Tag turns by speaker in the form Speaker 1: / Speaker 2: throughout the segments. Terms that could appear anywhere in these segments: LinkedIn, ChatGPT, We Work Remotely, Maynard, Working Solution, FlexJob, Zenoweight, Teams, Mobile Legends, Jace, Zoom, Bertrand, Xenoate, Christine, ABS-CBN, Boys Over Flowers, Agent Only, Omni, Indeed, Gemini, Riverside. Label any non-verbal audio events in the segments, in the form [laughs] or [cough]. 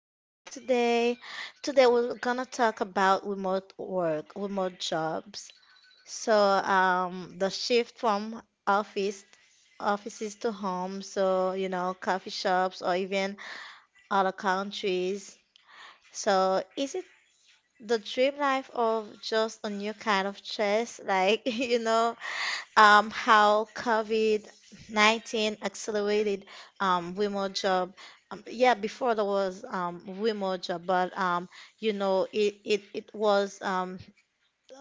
Speaker 1: episode today. Today we're gonna talk about remote work, remote jobs. So the shift from offices to home, so you know, coffee shops or even other countries. So is it the dream life of just a new kind of stress? [laughs] How COVID-19 accelerated remote job. Yeah, before there was remote job, but you know, it was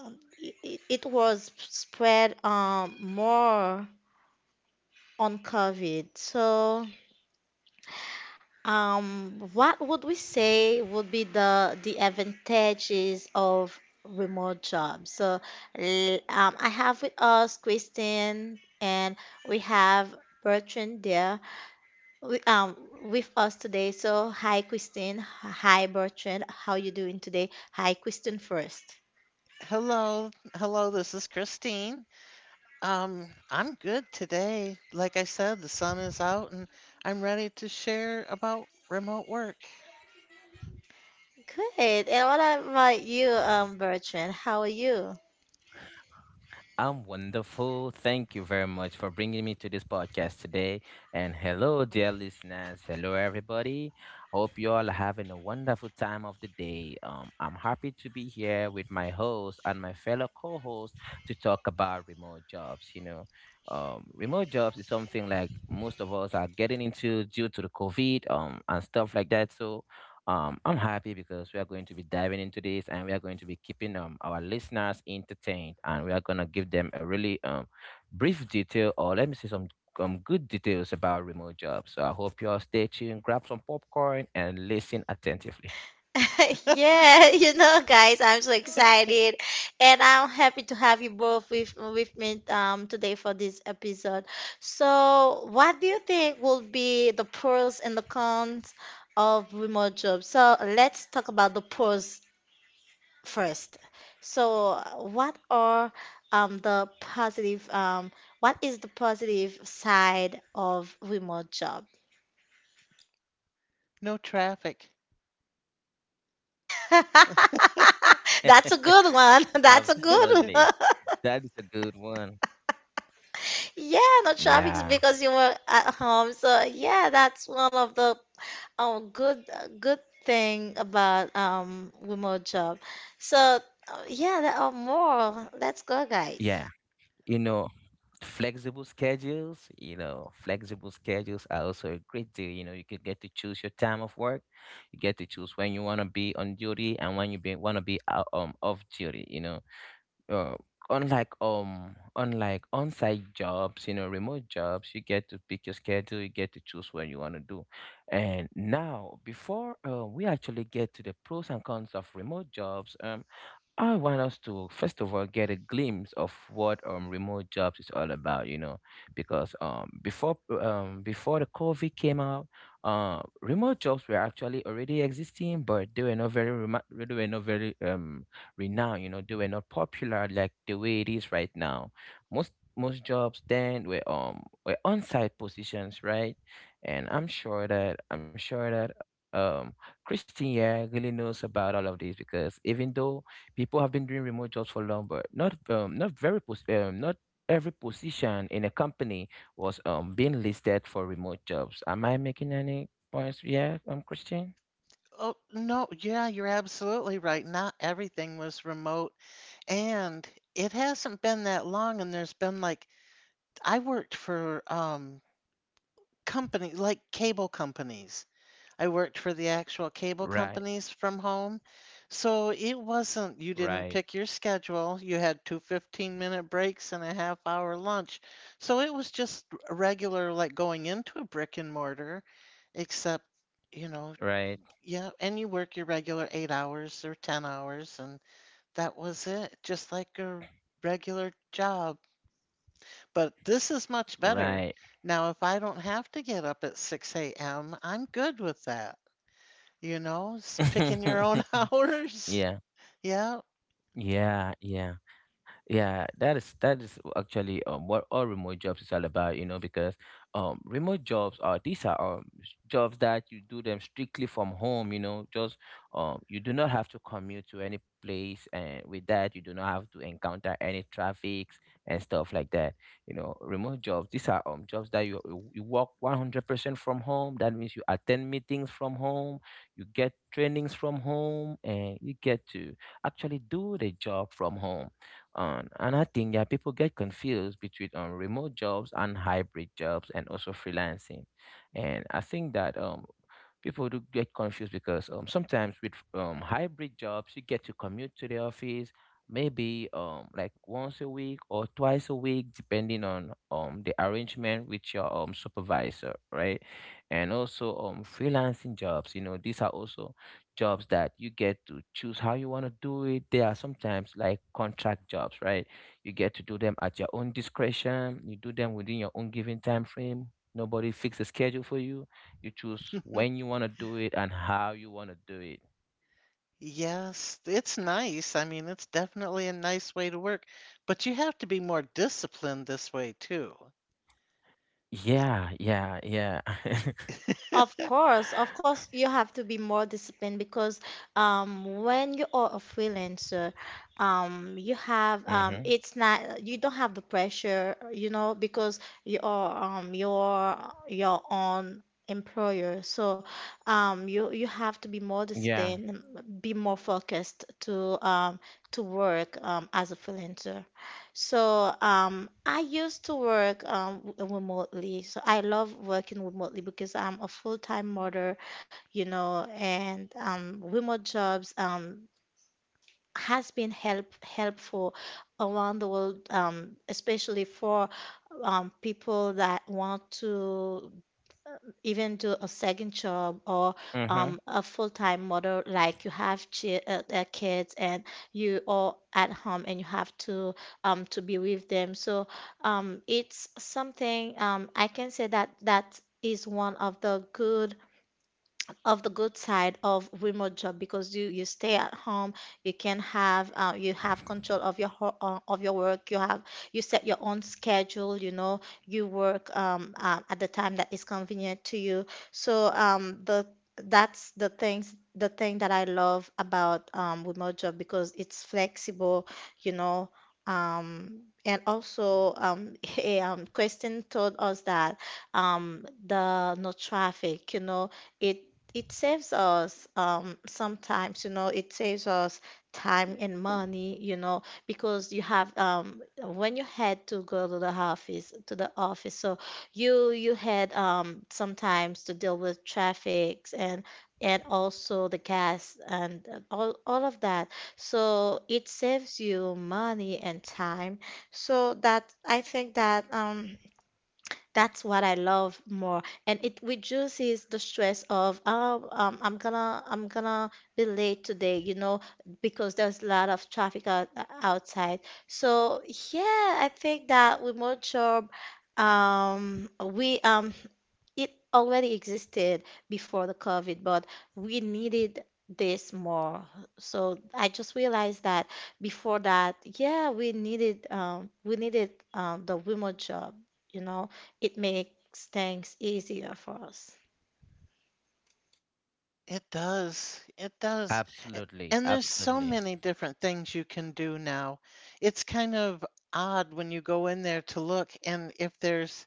Speaker 1: um, it, it it was spread more on COVID. So what would we say would be the advantages of remote jobs? I have with us Christine and we have Bertrand there we, um, with us today. So, hi Christine, hi Bertrand, how you doing today? Hi Christine first.
Speaker 2: Hello, hello, this is Christine. I'm good today. Like I said, the sun is out and I'm ready to share about remote work.
Speaker 1: Good. And what about you, Bertrand? How are you?
Speaker 3: I'm wonderful. Thank you very much for bringing me to this podcast today. And hello, dear listeners. Hello, everybody. Hope you all are having a wonderful time of the day. I'm happy to be here with my host and my fellow co host to talk about remote jobs. Remote jobs is something like most of us are getting into due to the COVID and stuff like that. So I'm happy because we are going to be diving into this and we are going to be keeping our listeners entertained, and we are going to give them a really brief detail, or let me say some good details about remote jobs. So I hope you all stay tuned, grab some popcorn and listen attentively.
Speaker 1: [laughs] Yeah, you know, guys, I'm so excited, and I'm happy to have you both with me today for this episode. So, what do you think will be the pros and the cons of remote jobs? So, let's talk about the pros first. So, um the positive um what is the positive side of remote job? [laughs]
Speaker 2: No traffic.
Speaker 1: That's a good one. [laughs] That's a good
Speaker 3: Absolutely.
Speaker 1: one.
Speaker 3: That is a good one.
Speaker 1: Yeah, no traffic
Speaker 3: Yeah.
Speaker 1: because you were at home. So yeah, that's one of the good thing about remote job. So yeah, there are more. Let's go,
Speaker 3: Yeah.
Speaker 1: guys.
Speaker 3: You know, flexible schedules, flexible schedules are also a great deal. You know, you could get to choose your time of work. You get to choose when you want to be on duty and when you be, want to be out, off duty, you know, uh, unlike unlike on-site jobs. You know, remote jobs, you get to pick your schedule, you get to choose when you want to do. And now before we actually get to the pros and cons of remote jobs. I want us to first of all get a glimpse of what remote jobs is all about, you know, because before the COVID came out, remote jobs were actually already existing, but they were not very they were not very renowned, you know, they were not popular like the way it is right now. Most jobs then were on-site positions, right? And I'm sure that Christine yeah really knows about all of this, because even though people have been doing remote jobs for long, but not not very not every position in a company was being listed for remote jobs. Am I making any points? Yeah, I'm Christian.
Speaker 2: Oh, no, yeah, you're absolutely right. Not everything was remote. And it hasn't been that long, and there's been like, I worked for company like cable companies. I worked for the actual cable
Speaker 3: Right,
Speaker 2: companies from home. So it wasn't, you didn't
Speaker 3: right,
Speaker 2: pick your schedule. You had two 15-minute breaks and a half hour lunch. So it was just a regular, like going into a brick and mortar, except, you know,
Speaker 3: right,
Speaker 2: yeah, and you work your regular 8 hours or 10 hours, and that was it, just like a regular job. But this is much better.
Speaker 3: right.
Speaker 2: Now, if I don't have to get up at 6 a.m., I'm good with that. Picking your own [laughs]
Speaker 3: [laughs]
Speaker 2: hours.
Speaker 3: Yeah,
Speaker 2: Yeah.
Speaker 3: yeah, yeah. Yeah, that is actually what all remote jobs is all about, you know, because remote jobs are, these are jobs that you do them strictly from home, you know, just you do not have to commute to any place, and with that you do not have to encounter any traffics and stuff like that. You know, remote jobs, these are jobs that you work 100% from home. That means you attend meetings from home, you get trainings from home, and you get to actually do the job from home on. And I think that people get confused between remote jobs and hybrid jobs and also freelancing. And I think that people do get confused because sometimes with hybrid jobs you get to commute to the office maybe like once a week or twice a week, depending on the arrangement with your supervisor, right? And also freelancing jobs, you know, these are also jobs that you get to choose how you want to do it. They are sometimes like contract jobs, right? You get to do them at your own discretion. You do them within your own given time frame. Nobody fix the schedule for you. You choose when
Speaker 2: [laughs]
Speaker 3: you want to do it and how you want to do it.
Speaker 2: Yes, it's nice. I mean, it's definitely a nice way to work, but you have to be more disciplined this way too.
Speaker 3: Yeah, yeah, yeah. [laughs]
Speaker 1: Of course, you have to be more disciplined because when you are a freelancer, you have
Speaker 3: Mhm.
Speaker 1: it's not you don't have the pressure, you know, because you are your own employer. So you you have to be more
Speaker 3: Yeah.
Speaker 1: disciplined, be more focused to work as a freelancer. So, I used to work remotely. So I love working remotely because I'm a full-time mother, you know, and remote jobs has been helpful around the world, especially for people that want to even do a second job or
Speaker 3: Mhm.
Speaker 1: a full-time model, like you have chi kids and you are at home and you have to be with them. So it's something I can say that that is one of the good side of remote job because you stay at home. You can have you have control of of your work. You have you set your own schedule, you know, you work at the time that is convenient to you. So the that's the thing that I love about remote job because it's flexible, you know. And also [laughs] a question told us that the no traffic, you know, it it saves us sometimes, you know, it saves us time and money, you know, because you have when you had to go to the office so you had sometimes to deal with traffics and also the gas and all of that. So it saves you money and time. So that I think that that's what I love more, and it reduces the stress of oh I'm gonna be late today, you know, because there's a lot of traffic outside. So yeah, I think that remote job, we it already existed before the COVID, but we needed this more. So I just realized that before that, yeah, we needed the remote job, you know. It makes things easier for us.
Speaker 2: It does. It does.
Speaker 3: Absolutely.
Speaker 2: A- And there's
Speaker 3: Absolutely.
Speaker 2: so many different things you can do now. It's kind of odd when you go in there to look, and if there's,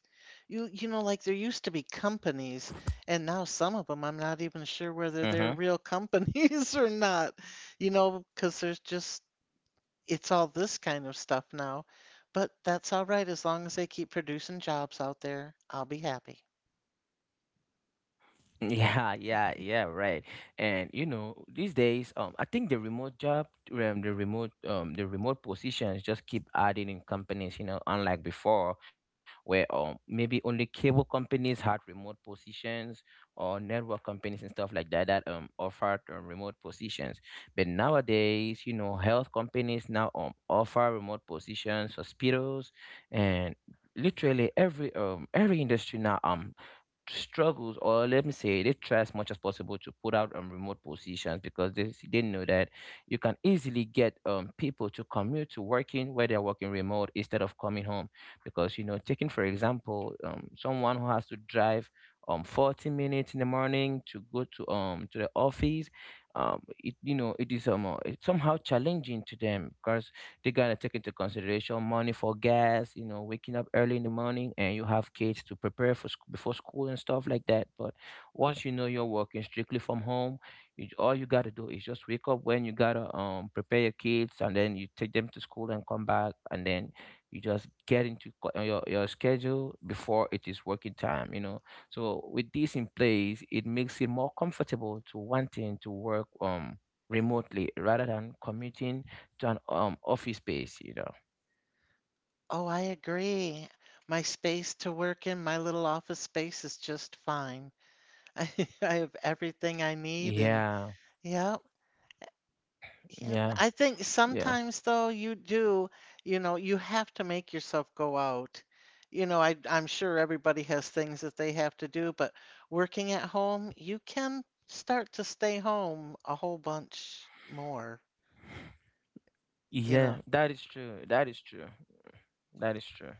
Speaker 2: you know, like there used to be companies, and now some of them I'm not even sure
Speaker 3: Mhm.
Speaker 2: whether they're real companies [laughs] or not. You know, because there's just, it's all this kind of stuff now. But that's all right, as long as they keep producing jobs out there, I'll be happy.
Speaker 3: Yeah, yeah, yeah, right. And you know, these days, I think the remote the remote positions just keep adding in companies. You know, unlike before, where maybe only cable companies had remote positions or network companies and stuff like that, that offered remote positions. But nowadays, you know, health companies now offer remote positions, hospitals, and literally every industry now struggles, or let me say they try as much as possible to put out on remote positions, because they know that you can easily get people to commute to working where they're working remote instead of coming home. Because you know, taking for example someone who has to drive 40 minutes in the morning to go to the office, it you know it is it's somehow challenging to them. They gotta take into consideration money for gas, you know, waking up early in the morning, and you have kids to prepare for before school and stuff like that. But once you know you're working strictly from home, you, all you gotta do is just wake up when you gotta prepare your kids, and then you take them to school and come back, and then you just get into your schedule before it is working time, you know. So with this in place, it makes it more comfortable to wanting to work remotely rather than commuting an office space, you know.
Speaker 2: Oh, I agree. My space to work in, my little office space is just fine. [laughs] I, I have everything I need, and
Speaker 3: Yeah,
Speaker 2: yeah, yeah.
Speaker 3: yeah,
Speaker 2: I think
Speaker 3: yeah,
Speaker 2: sometimes though you do, you know, you have to make yourself go out. You know, I'm sure everybody has things that they have to do, but working at home, you can start to stay home a whole bunch more. You
Speaker 3: yeah.
Speaker 2: know,
Speaker 3: That is true. That is true. That is true.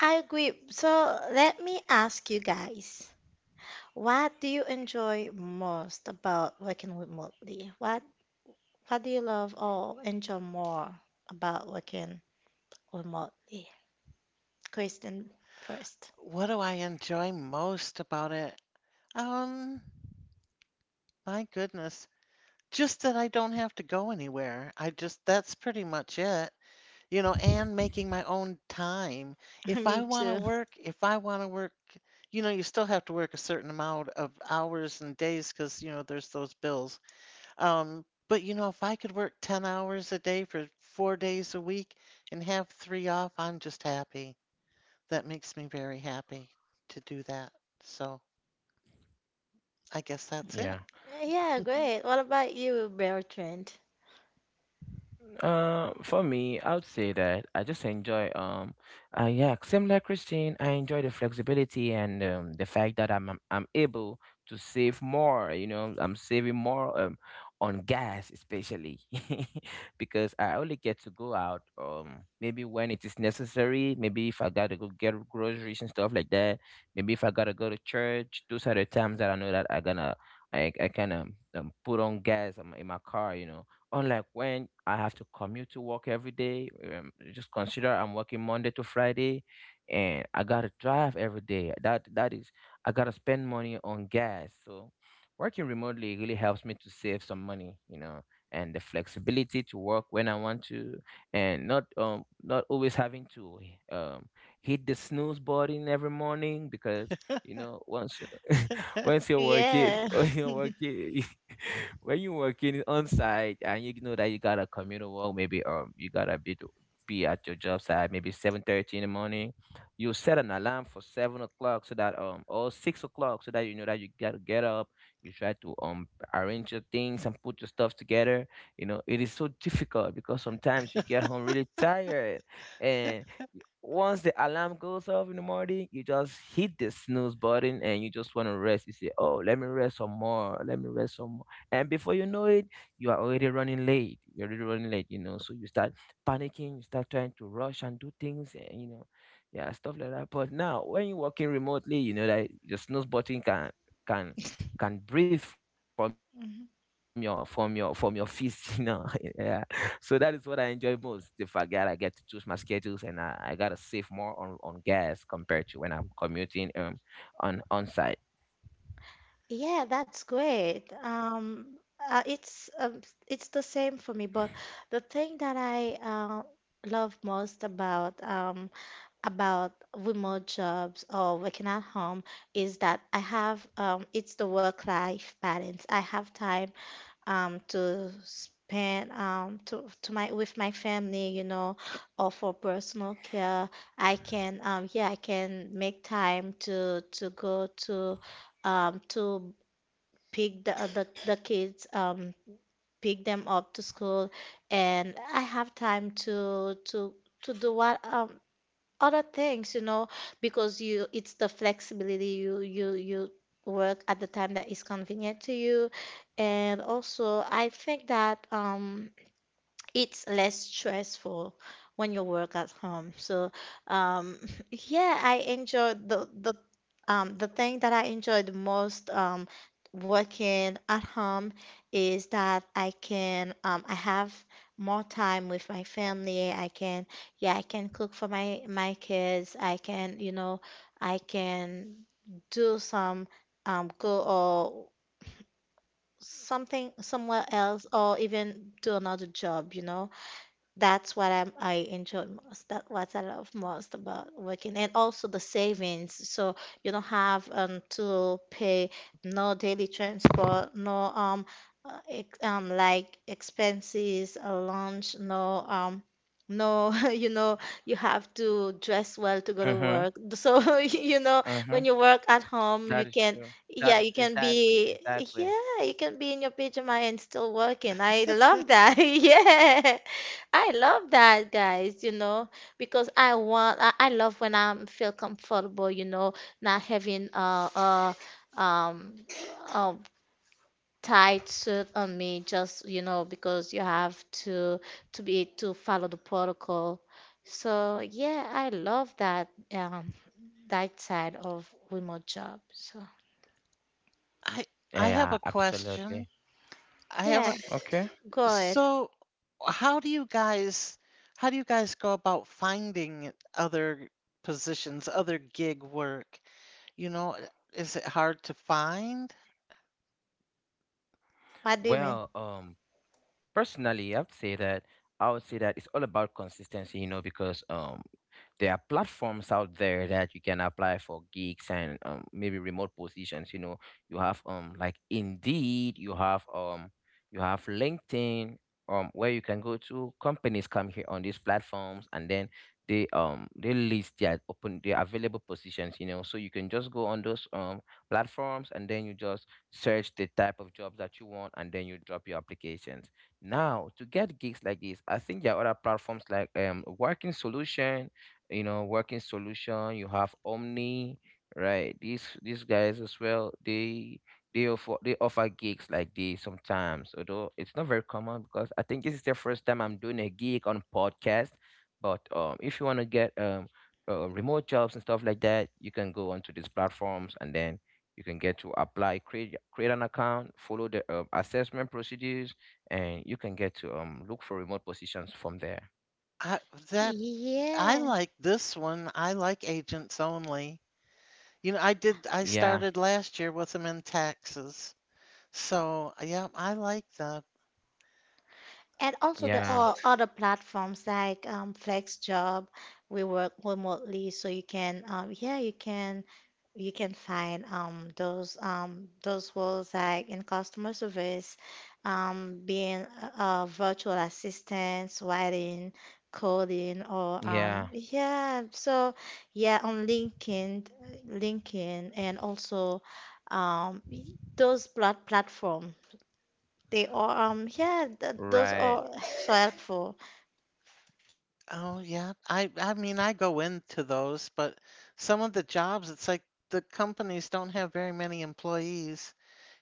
Speaker 1: I agree. So let me ask you guys, what do you enjoy most about working remotely? What do you love or enjoy more about working remotely? Kristen first.
Speaker 2: what do I enjoy most about it? Um, my goodness. Just that I don't have to go anywhere. I just, that's pretty much it. You know, and making my own time.
Speaker 1: [laughs]
Speaker 2: If I
Speaker 1: Me
Speaker 2: want to
Speaker 1: too.
Speaker 2: work, If I want to work, you know, you still have to work a certain amount of hours and days because, you know, there's those bills. But, you know, if I could work 10 hours a day for 4 days a week and have three off, I'm just happy. That makes me very happy to do that. So I guess that's
Speaker 3: Yeah.
Speaker 2: it.
Speaker 1: Yeah,
Speaker 2: [laughs]
Speaker 1: great. What about you, Bertrand?
Speaker 3: For me, I would say that I just enjoy yeah, similar Christine. I enjoy the flexibility and the fact that I'm able to save more. You know, I'm saving more on gas especially, [laughs] because I only get to go out maybe when it is necessary. Maybe if I gotta go get groceries and stuff like that. Maybe if I gotta go to church. Those are the times that I know that I gonna I kind of put on gas in my car. You know, unlike when I have to commute to work every day, just consider I'm working Monday to Friday, and I gotta drive every day. I gotta spend money on gas. So, working remotely really helps me to save some money, you know, and the flexibility to work when I want to, and not not always having to um hit the snooze button every morning. Because you know once you [laughs] once you're working,
Speaker 1: Yeah.
Speaker 3: [laughs] when you're working, [laughs] when you're working on site and you know that you got a communal work, maybe you gotta be at your job site maybe 7:30 in the morning. You set an alarm for 7 o'clock so that or 6 o'clock so that you know that you gotta get up. You try to arrange your things and put your stuff together. You know it is so difficult because sometimes you get home really tired, and once the alarm goes off in the morning, you just hit the snooze button and you just want to rest. You say, "Oh, let me rest some more. Let me rest some more." And before you know it, you are already running late. You're already running late, you know. So you start panicking, you start trying to rush and do things, and you know, yeah, stuff like that. But now when you're working remotely, you know that the snooze button can breathe from your
Speaker 1: [laughs]
Speaker 3: fist, [laughs] you know. [laughs] Yeah. So that is what I enjoy most. The fact that I get to choose my schedules, and I gotta save more on gas compared to when I'm commuting on site.
Speaker 1: Yeah, that's great. Uh, it's um, it's the same for me, but the thing that I love most about remote jobs or working at home is that I have it's the work-life balance. I have time to spend to my with my family, you know, or for personal care. I can yeah, I can make time to go to pick the kids, pick them up to school, and I have time to do what other things, you know, because you it's the flexibility you you you work at the time that is convenient to you, and also I think that it's less stressful when you work at home. So, um, [laughs] yeah, I enjoyed the thing that I enjoy the most working at home is that I have more time with my family. I can yeah, I can cook for my my kids. I can you know I can do some go or something somewhere else or even do another job. You know. That's I enjoy most. That's what I love most about working, and also the savings. So you don't have to pay no daily transport, no ex like expenses, lunch, no [laughs] you know you have to dress well to go to
Speaker 3: Mm-hmm.
Speaker 1: work. So [laughs] you know
Speaker 3: Mm-hmm.
Speaker 1: when you work at home,
Speaker 3: That
Speaker 1: you
Speaker 3: is
Speaker 1: can
Speaker 3: true. That
Speaker 1: yeah
Speaker 3: is
Speaker 1: you can
Speaker 3: exactly,
Speaker 1: be
Speaker 3: exactly.
Speaker 1: yeah you can be in your pajama and still working. I love that. [laughs] Yeah. I love that, guys, you know, because I love when I am feel comfortable, you know, not having um, a tight suit on me, just, you know, because you have to be, to follow the protocol. So, yeah, I love that, um, that side of remote job. So,
Speaker 2: I I have
Speaker 3: Yeah,
Speaker 2: a question.
Speaker 3: absolutely.
Speaker 2: I have a
Speaker 1: yeah,
Speaker 3: Okay.
Speaker 1: good.
Speaker 2: So, how do you guys how do you guys go about finding other positions, other gig work? You know, is it hard to find?
Speaker 1: What do you mean?
Speaker 3: Well, personally, I have to say that I would say that it's all about consistency, you know, because there are platforms out there that you can apply for gigs and maybe remote positions. You know, you have like Indeed, you have LinkedIn, where you can go to. Companies come here on these platforms, and then they list their open, their available positions. You know, so you can just go on those platforms, and then you just search the type of jobs that you want, and then you drop your applications. Now, to get gigs like this, I think there are other platforms like Working Solution, you know. Working Solution, you have Omni, right? These guys as well, they they offer gigs like this sometimes, although it's not very common, because I think this is the first time I'm doing a gig on podcast. But if you want to get remote jobs and stuff like that, you can go onto these platforms, and then you can get to apply, create an account, follow the assessment procedures, and you can get to look for remote positions from there.
Speaker 2: I, that I
Speaker 1: Yeah.
Speaker 2: like this one. I like agents only. You know, I
Speaker 3: Yeah,
Speaker 2: started last year with them in Texas. So, yeah, I like them.
Speaker 1: And also there
Speaker 3: yeah,
Speaker 1: are other platforms like FlexJob. We work remotely, so you can yeah you can find those roles like in customer service, being a virtual assistant, writing, coding, or
Speaker 3: yeah,
Speaker 1: yeah. So yeah, on LinkedIn, LinkedIn, and also um, those platforms. They are, yeah, th those
Speaker 3: right.
Speaker 1: are so helpful. [sighs]
Speaker 2: Oh yeah. I mean I go into those, but some of the jobs it's like the companies don't have very many employees.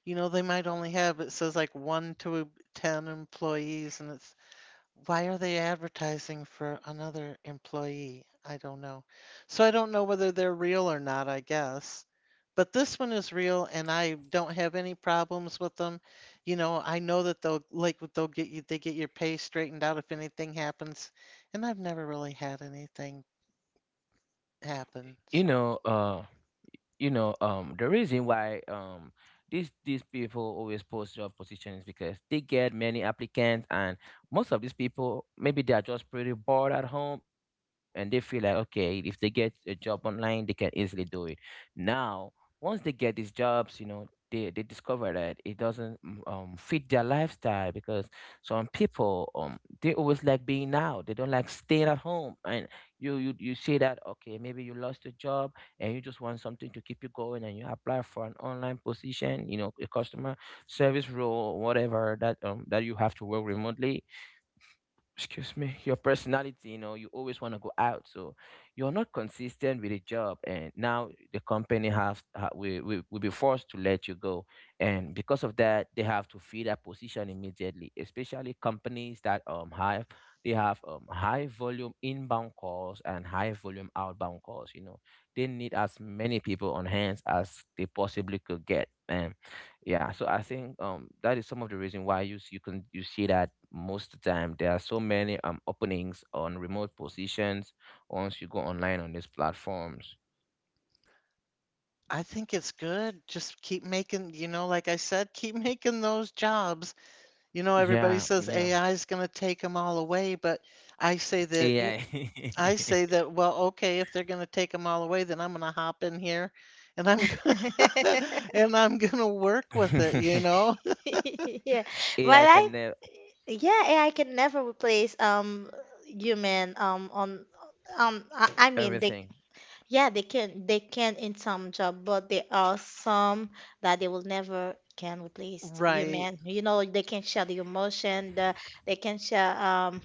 Speaker 2: You know, they might only have, it says like one to 10 employees, and it's, why are they advertising for another employee? I don't know. So I don't know whether they're real or not, I guess. But this one is real, and I don't have any problems with them. You know, I know that they'll get you, they get your pay straightened out if anything happens, and I've never really had anything happen.
Speaker 3: You
Speaker 2: So
Speaker 3: know, uh, the reason why these people always post job positions is because they get many applicants, and most of these people maybe they are just pretty bored at home and they feel like, okay, if they get a job online they can easily do it now. Once they get these jobs, you know, they discover that it doesn't fit their lifestyle because some people, they always like being out, they don't like staying at home. And you say that, okay, maybe you lost your job and you just want something to keep you going, and you apply for an online position, you know, a customer service role or whatever, that that you have to work remotely. Excuse me, your personality, you know, you always want to go out. So you're not consistent with the job. And now the company have, ha will be forced to let you go. And because of that, they have to fill that position immediately, especially companies that have, they have, high volume inbound calls and high volume outbound calls. You know, they need as many people on hands as they possibly could get. And yeah, so I think that is some of the reason why you can, you see that most of the time there are so many openings on remote positions once you go online on these platforms.
Speaker 2: I think it's good. Just keep making, you know, like I said, keep making those jobs. You know, everybody
Speaker 3: Yeah,
Speaker 2: says
Speaker 3: yeah.
Speaker 2: AI is going to take them all away, but I say that
Speaker 3: AI,
Speaker 2: I say that, well, okay, if they're going to take them all away, then I'm going to hop in here and I'm [laughs] gonna,
Speaker 1: [laughs]
Speaker 2: and I'm going to work with it, you know? [laughs]
Speaker 1: Yeah, well,
Speaker 3: AI [laughs]
Speaker 1: I,
Speaker 3: can nail
Speaker 1: yeah, AI can never replace human on I mean
Speaker 3: everything.
Speaker 1: they yeah they can in some job, but there are some that they will never can replace
Speaker 2: Right.
Speaker 1: human. You know, they can share the emotion, they can share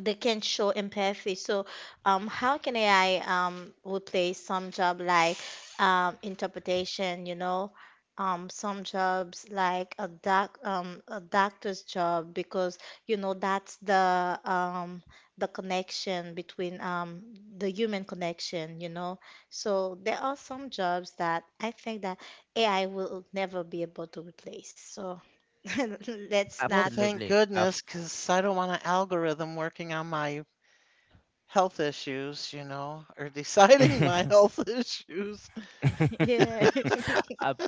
Speaker 1: they can show empathy. So, how can AI replace some job like interpretation? You know, some jobs like a doctor's job because you know that's the connection between the human connection. You know, so there are some jobs that I think that AI will never be able to replace. So. [laughs] Let's
Speaker 2: Well,
Speaker 1: not. [laughs]
Speaker 2: thank
Speaker 3: Absolutely.
Speaker 2: goodness, 'cause I don't want an algorithm working on my health issues, you know, or [laughs] deciding my
Speaker 3: [laughs]
Speaker 2: health [laughs] issues.
Speaker 1: Yeah.
Speaker 3: [laughs] Absolutely.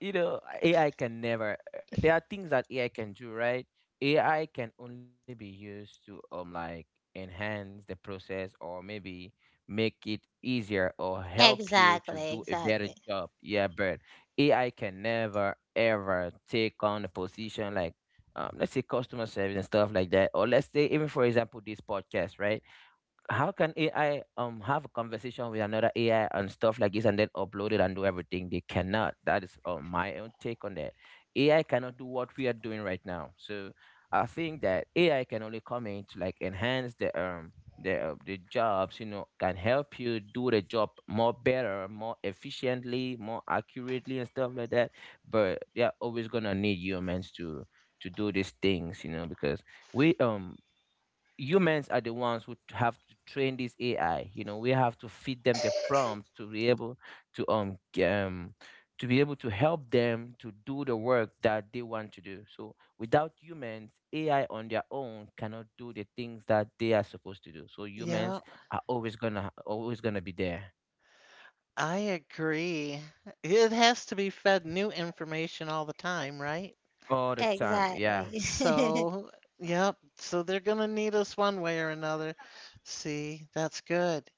Speaker 3: You know, AI can never. There are things that AI can do, right? AI can only be used to like enhance the process, or maybe make it easier or help you to
Speaker 1: Exactly,
Speaker 3: do a better
Speaker 1: exactly.
Speaker 3: job. Yeah, but AI can never ever take on the position like, let's say, customer service and stuff like that. Or let's say, even for example, this podcast, right? How can AI have a conversation with another AI and stuff like this, and then upload it and do everything? They cannot. That is, my own take on that. AI cannot do what we are doing right now. So I think that AI can only come in to like enhance the the jobs. You know, can help you do the job more better, more efficiently, more accurately, and stuff like that. But they are always gonna need humans to do these things. You know, because we humans are the ones who have to train this AI. You know, we have to feed them the prompts to be able to to be able to help them to do the work that they want to do. So without humans, AI on their own cannot do the things that they are supposed to do. So
Speaker 2: Yeah,
Speaker 3: humans are always gonna be there
Speaker 2: I agree. It has to be fed new information all the time, right?
Speaker 3: all the time. Yeah,
Speaker 1: Exactly. [laughs]
Speaker 2: So, yep. So they're going to need us one way or another. See, that's good.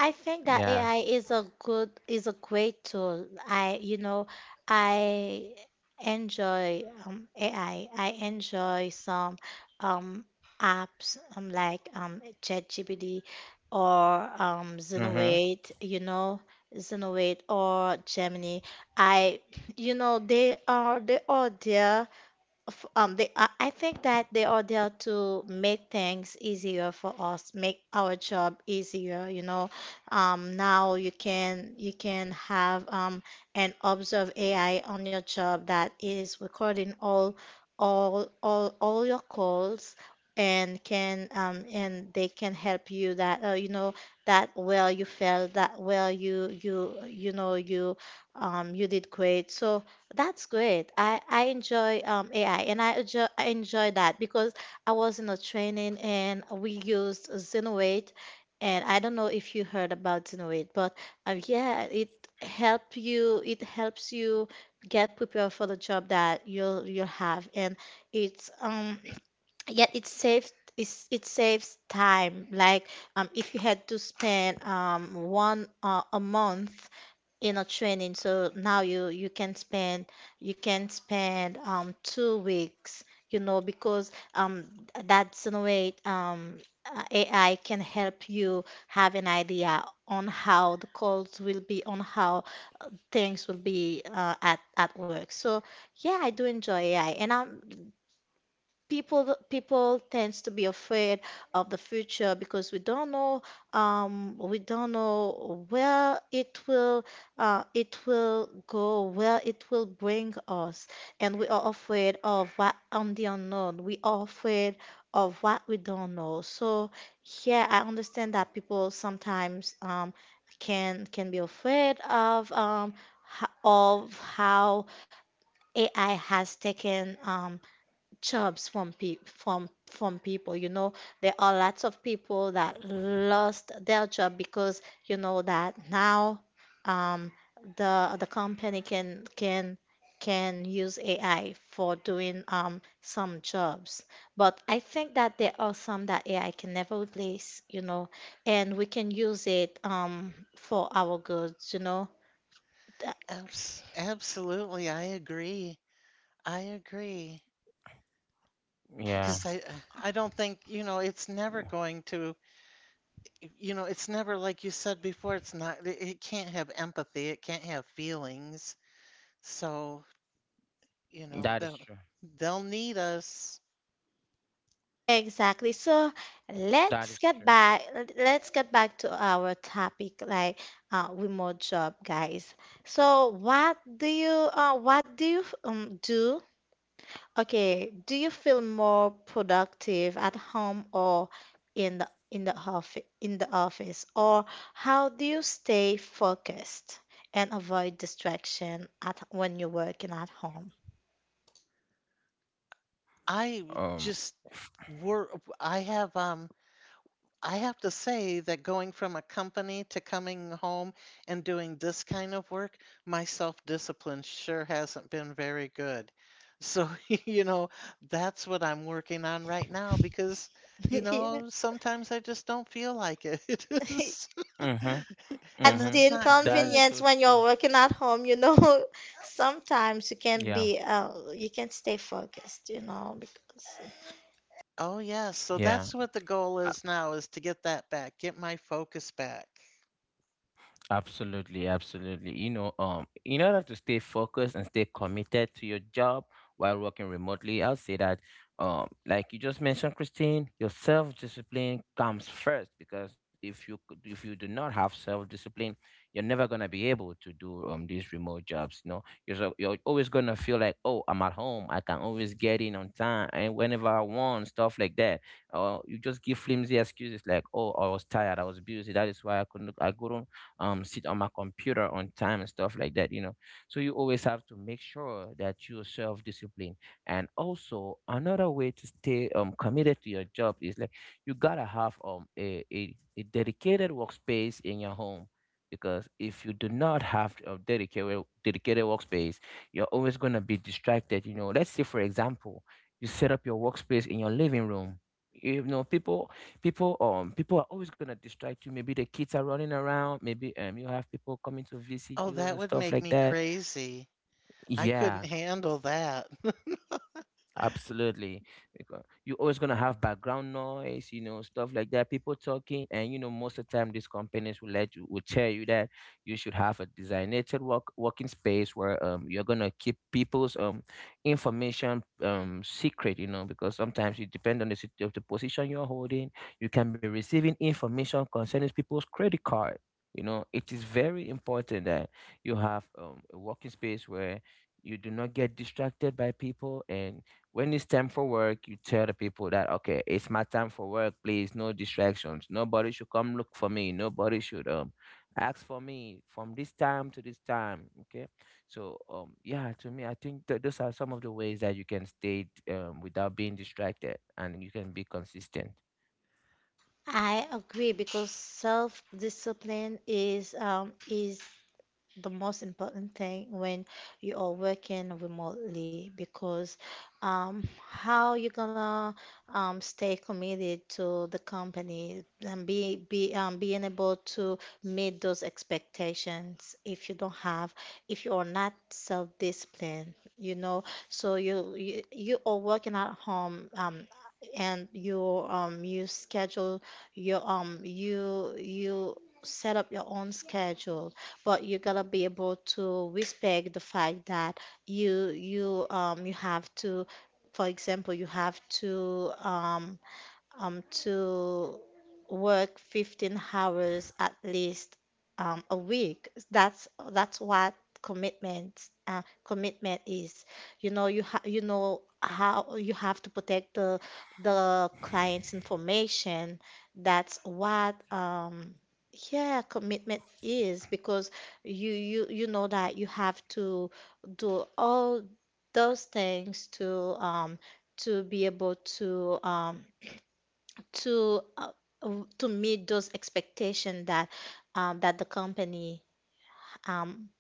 Speaker 1: I think that
Speaker 3: yeah,
Speaker 1: AI is a good is a great tool. I you know I enjoy AI. I enjoy some um, apps like ChatGPT or
Speaker 3: mm-hmm.
Speaker 1: Xenoate. You know, Xenoate or Gemini. I you know they are there they I think that they are there to make things easier for us, make our job easier, you know. Now you can have an observe AI on your job that is recording all your calls and can and they can help you that you know that where you fell that where you know you you did great. So that's great. I enjoy AI and I enjoy that because I was in a training and we used Zenoweight, and I don't know if you heard about Zenoweight, but yeah, it help you it helps you get prepared for the job that you'll have, and it's [clears throat] yet it saves it saves time. Like if you had to spend one a month in a training, so now you you can spend 2 weeks, you know, because that's in a way AI can help you have an idea on how the calls will be, on how things will be at work. So yeah, I do enjoy AI. And people people tends to be afraid of the future because we don't know where it will go, where it will bring us. And we are afraid of what on the unknown, we are afraid of what we don't know. So yeah, I understand that people sometimes can be afraid of of how AI has taken jobs from pe from people. You know, there are lots of people that lost their job because you know that now um, the company can use AI for doing some jobs. But I think that there are some that AI can never replace, you know, and we can use it for our goods, you know. Th-
Speaker 2: Abs absolutely, I agree. I agree.
Speaker 3: Yeah.
Speaker 2: Because I don't think, you know, it's never going to, you know, it's never, like you said before, it's not, it can't have empathy, it can't have feelings. So,
Speaker 3: That is
Speaker 2: you
Speaker 3: true.
Speaker 2: know, they'll need us.
Speaker 1: Exactly. So
Speaker 3: That is true.
Speaker 1: let's get back let's get back to our topic like remote job, guys. So what do you do? Okay, do you feel more productive at home or in the office or how do you stay focused and avoid distraction at when you're working at home?
Speaker 2: I
Speaker 3: Um.
Speaker 2: just were I have um I have to say that going from a company to coming home and doing this kind of work, my self-discipline sure hasn't been very good. So, [laughs] you know, that's what I'm working on right now because, you
Speaker 1: [laughs] Yeah.
Speaker 2: know, sometimes I just don't feel like it. [laughs]
Speaker 3: Mm-hmm.
Speaker 2: And
Speaker 1: That's
Speaker 3: Mm-hmm.
Speaker 1: the
Speaker 2: that's not
Speaker 3: That is
Speaker 2: good.
Speaker 3: so
Speaker 1: inconvenience when
Speaker 3: true.
Speaker 1: you're working at home, you know. [laughs] Sometimes
Speaker 3: Yeah.
Speaker 1: you can't stay focused, you know, because
Speaker 2: Oh, yes. So
Speaker 3: Yeah.
Speaker 2: that's what the goal is now, is to get that back, get my focus back.
Speaker 3: Absolutely, absolutely. You know, in order to stay focused and stay committed to your job while working remotely, I'll say that, like you just mentioned, Christine, your self-discipline comes first, because if you could, if you do not have self-discipline, you're never gonna be able to do these remote jobs. You know, you're so, you're always gonna feel like, oh, I'm at home, I can always get in on time and whenever I want, stuff like that. Or you just give flimsy excuses like, oh, I was tired, I was busy, that is why I couldn't sit on my computer on time and stuff like that, you know. So you always have to make sure that you're self-disciplined. And also another way to stay committed to your job is like, you gotta have a dedicated workspace in your home, because if you do not have a dedicated workspace, you're always going to be distracted. You know, let's say for example, you set up your workspace in your living room. You know, people are always gonna distract you. Maybe the kids are running around. Maybe you have people coming to visit
Speaker 2: Oh,
Speaker 3: you
Speaker 2: that
Speaker 3: and
Speaker 2: would
Speaker 3: stuff
Speaker 2: make
Speaker 3: like
Speaker 2: me
Speaker 3: that.
Speaker 2: crazy. I couldn't
Speaker 3: Yeah.
Speaker 2: handle that. [laughs]
Speaker 3: Absolutely. Because you're always going to have background noise, you know, stuff like that, people talking. And, you know, most of the time, these companies will let you, will tell you that you should have a designated work, working space where, you're going to keep people's, information secret. You know, because sometimes you depend on the, of the position you're holding. You can be receiving information concerning people's credit card. You know, it is very important that you have, a working space where you do not get distracted by people, and when it's time for work, you tell the people that, okay, it's my time for work. Please, no distractions. Nobody should come look for me. Nobody should ask for me from this time to this time. Okay, so yeah, to me, I think those are some of the ways that you can stay, without being distracted, and you can be consistent.
Speaker 1: I agree because self-discipline is the most important thing when you are working remotely because how you gonna stay committed to the company and be being able to meet those expectations if you are not self-disciplined, you know, so you are working at home, and you schedule your you you set up your own schedule, but you gotta be able to respect the fact that you have to, for example, you have to work 15 hours at least, a week. That's what commitment is. You know, you know how you have to protect the client's information. That's what yeah, commitment is, because you know that you have to do all those things to be able to to uh, to meet those expectations that the company, um,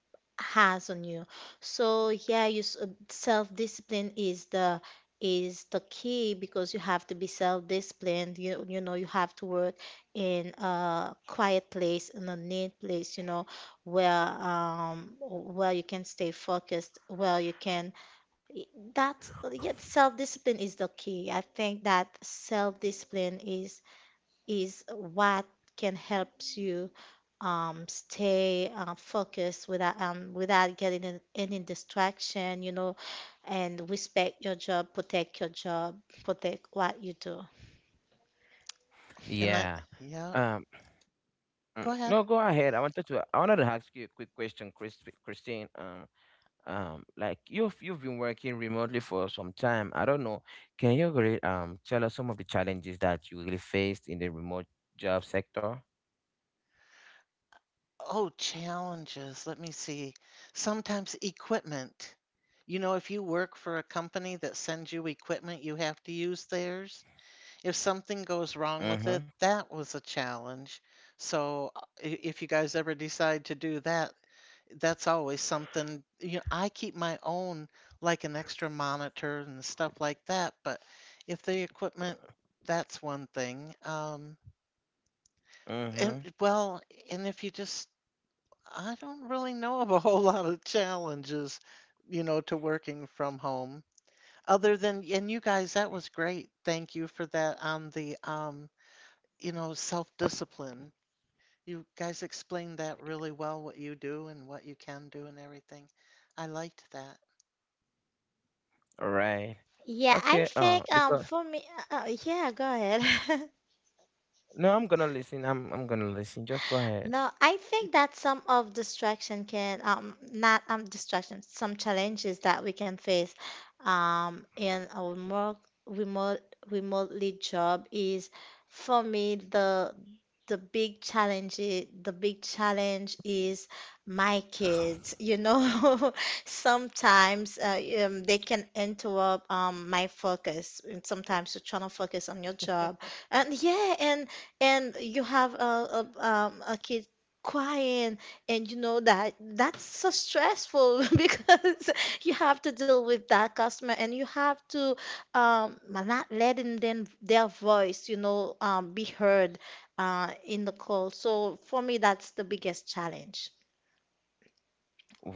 Speaker 1: has on you. So yeah, self-discipline is the key, because you have to be self-disciplined. You know you have to work in a quiet place, in a neat place, you know, where you can stay focused, where you can, that yet self-discipline is the key. I think that self-discipline is what can help you stay focused without getting in any distraction, you know, and respect your job, protect what you do.
Speaker 2: And I,
Speaker 3: Yeah.
Speaker 2: yeah.
Speaker 3: Um.
Speaker 2: Go ahead.
Speaker 3: No, go ahead. I wanted to. I wanted to ask you a quick question, Christine. Like you've been working remotely for some time, I don't know, can you really tell us some of the challenges that you really faced in the remote job sector?
Speaker 2: Oh, challenges. Let me see. Sometimes equipment. You know, if you work for a company that sends you equipment, you have to use theirs. If something goes wrong with
Speaker 3: Mm-hmm.
Speaker 2: it, that was a challenge. So, if you guys ever decide to do that, that's always something. You know, I keep my own, like an extra monitor and stuff like that, but if the equipment, that's one thing. And
Speaker 3: Mm-hmm.
Speaker 2: well, and if you just I don't really know of a [laughs] whole lot of challenges, you know, to working from home. Other than, and you guys, that was great. Thank you for that on the, you know, self-discipline. You guys explained that really well, what you do and what you can do and everything. I liked that.
Speaker 3: All right.
Speaker 1: Yeah, I
Speaker 3: Okay.
Speaker 1: think
Speaker 3: Because,
Speaker 1: for me, yeah, go ahead. [laughs]
Speaker 3: no, I'm gonna listen, I'm gonna listen, just go ahead.
Speaker 1: No, I think that some of distraction can, not distraction some challenges that we can face in our more remote remotely job is, for me, the the big challenge is my kids, you know. [laughs] Sometimes they can interrupt my focus, and sometimes you're trying to focus on your job, and yeah, and you have a kid crying, and you know that that's so stressful, [laughs] because you have to deal with that customer, and you have to, not letting them, their voice, you know, be heard in the call. So for me, that's the biggest challenge.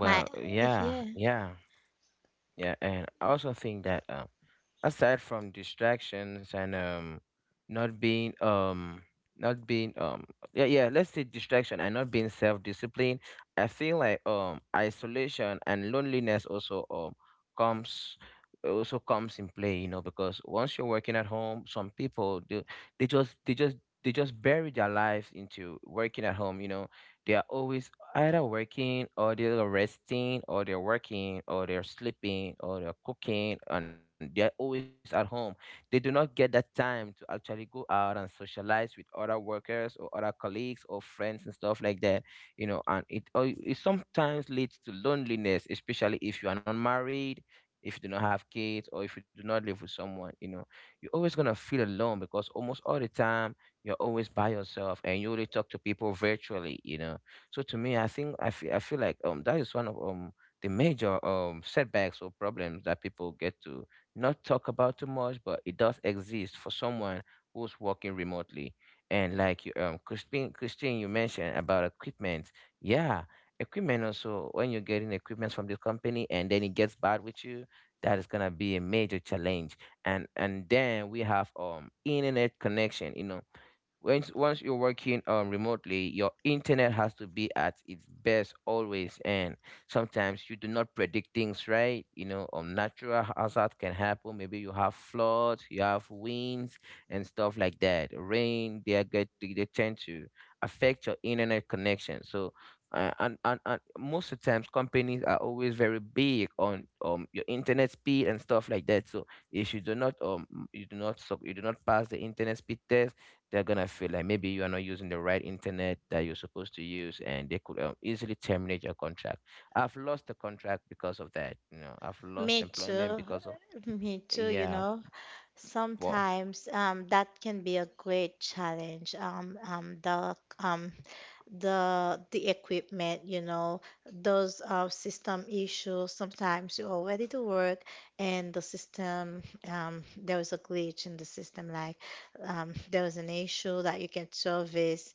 Speaker 1: My
Speaker 3: yeah,
Speaker 1: Yeah.
Speaker 3: yeah. Yeah. And I also think that aside from distractions and not being not being yeah, yeah, let's say distraction and not being self-disciplined, I feel like isolation and loneliness also comes also comes in play. You know, because once you're working at home, some people do, they just they just they just bury their lives into working at home, you know. They are always either working or they're resting, or they're working or they're sleeping, or they're cooking, and they're always at home. They do not get that time to actually go out and socialize with other workers or other colleagues or friends and stuff like that, you know. And it sometimes leads to loneliness, especially if you are not married, if you do not have kids, or if you do not live with someone. You know, you're always going to feel alone because almost all the time you're always by yourself and you only talk to people virtually, you know. So to me, I think I feel like that is one of the major setbacks or problems that people get to not talk about too much, but it does exist for someone who's working remotely. And like you, Christine, Christine, you mentioned about equipment. Yeah, equipment also, when you're getting equipment from the company and then it gets bad with you, that is gonna be a major challenge. And then we have internet connection. You know, once you're working remotely, your internet has to be at its best always. And sometimes you do not predict things right, you know. Natural hazard can happen. Maybe you have floods, you have winds and stuff like that, rain. They are get They tend to affect your internet connection. So, and most of the times, companies are always very big on your internet speed and stuff like that. So if you do not you do not pass the internet speed test, they're gonna feel like maybe you are not using the right internet that you're supposed to use, and they could, easily terminate your contract. I've lost the contract because of that. You know, I've lost
Speaker 1: Me
Speaker 3: employment
Speaker 1: too.
Speaker 3: because of
Speaker 1: Me too, you
Speaker 3: yeah.
Speaker 1: know.
Speaker 3: Well,
Speaker 1: Sometimes, that can be a great challenge. The equipment, you know, those system issues. Sometimes you're all ready to work, and the system, there was a glitch in the system. Like, there was an issue that you can service,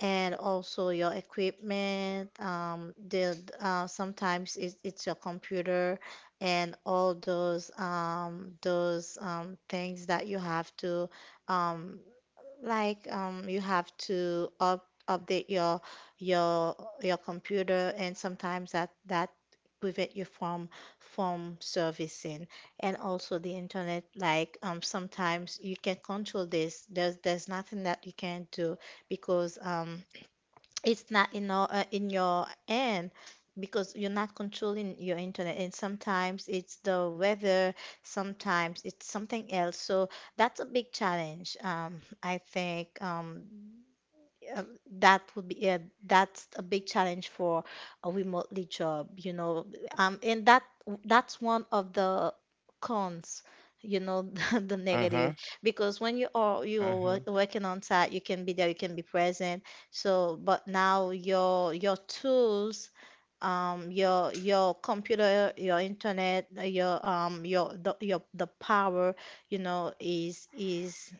Speaker 1: and also your equipment, the sometimes it's your computer, and all those things that you have to, um you have to up update your your computer, and sometimes that prevent you from servicing. And also the internet, like, sometimes you can control this, there's nothing that you can do because, it's not in your end because you're not controlling your internet, and sometimes it's the weather, sometimes it's something else, so that's a big challenge. I think, um, that would be it. That's a big challenge for a remotely job, you know. And that's one of the cons, you know, [laughs] the
Speaker 3: uh huh,
Speaker 1: negative. Because when you are
Speaker 3: uh huh,
Speaker 1: working on site, you can be there, you can be present. So, but now your tools, your computer, your internet, your, the power, you know, is is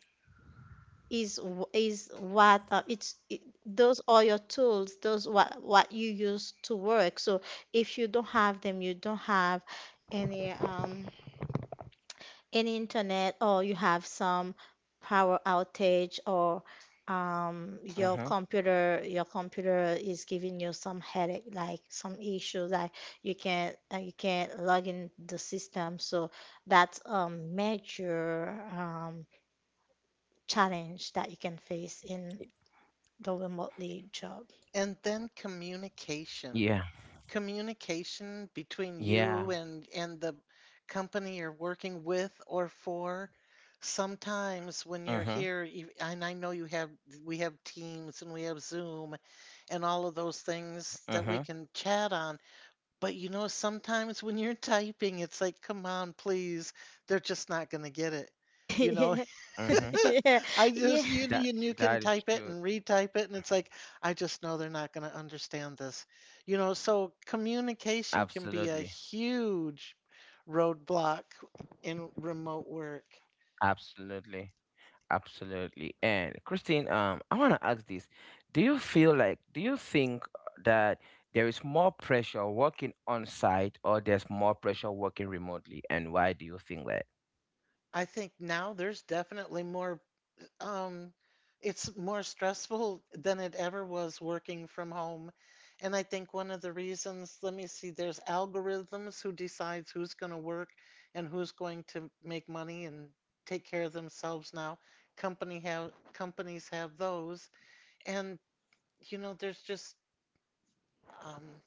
Speaker 1: is w- is what, it's it, those are your tools, those what you use to work. So if you don't have them, you don't have any um any internet, or you have some power outage, or your
Speaker 3: uh huh.
Speaker 1: computer your computer is giving you some headache, like some issue like you can't log in the system. So that's a major um challenge that you can face in the remotely job.
Speaker 2: And then communication.
Speaker 3: Yeah,
Speaker 2: Communication between
Speaker 3: yeah.
Speaker 2: you and the company you're working with or for. Sometimes when
Speaker 3: Uh
Speaker 2: you're
Speaker 3: huh,
Speaker 2: here, you- and I know you have, we have Teams and we have Zoom and all of those things
Speaker 3: uh
Speaker 2: that we
Speaker 3: huh,
Speaker 2: can chat on. But you know, sometimes when you're typing, it's like, come on, please. They're just not going to get it.
Speaker 1: [laughs]
Speaker 2: You know,
Speaker 1: Yeah.
Speaker 2: [laughs]
Speaker 3: uh
Speaker 1: [laughs]
Speaker 3: huh.
Speaker 2: [laughs]
Speaker 1: Yeah.
Speaker 2: I
Speaker 1: Yeah.
Speaker 2: just
Speaker 3: That
Speaker 2: you
Speaker 3: that
Speaker 2: can
Speaker 3: is
Speaker 2: type
Speaker 3: true.
Speaker 2: it and retype it, and it's like, I just know they're not going to understand this. You know, so communication can be a
Speaker 3: Absolutely,
Speaker 2: huge roadblock in remote work.
Speaker 3: absolutely. Absolutely. And Christine, I want to ask this. Do you feel like, do you think that there is more pressure working on site, or there's more pressure working remotely? And why do you think that?
Speaker 2: I think now there's definitely more. Um, it's more stressful than it ever was working from home. And I think one of the reasons, let me see, there's algorithms who decides who's going to work and who's going to make money and take care of themselves now. Company have Companies have those, and you know, there's just, um,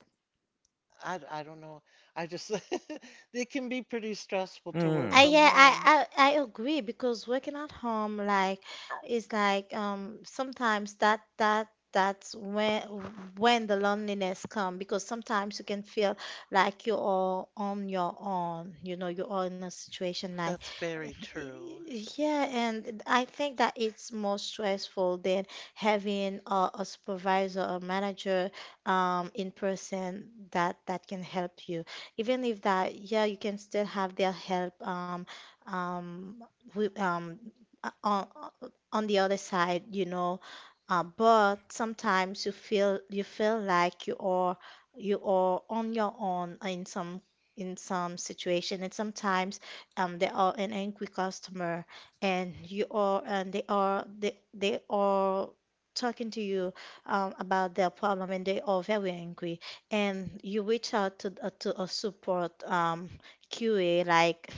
Speaker 2: I don't know. I just [laughs] it can be pretty stressful to work
Speaker 3: Mm,
Speaker 2: from
Speaker 1: yeah, I,
Speaker 2: home.
Speaker 1: I, I agree because working at home, like, is like, sometimes that's when the loneliness come because sometimes you can feel like you're all on your own, you know, you're all in a situation like.
Speaker 2: That's very true.
Speaker 1: Yeah, and I think that it's more stressful than having a supervisor or manager, in person, that can help you. Even if that, yeah, you can still have their help, um, with, um, uh, on, on the other side, you know. But sometimes you feel like you are on your own in some situation, and sometimes, they are an angry customer, and you are and they are talking to you, about their problem, and they are very angry, and you reach out to a support, QA, like,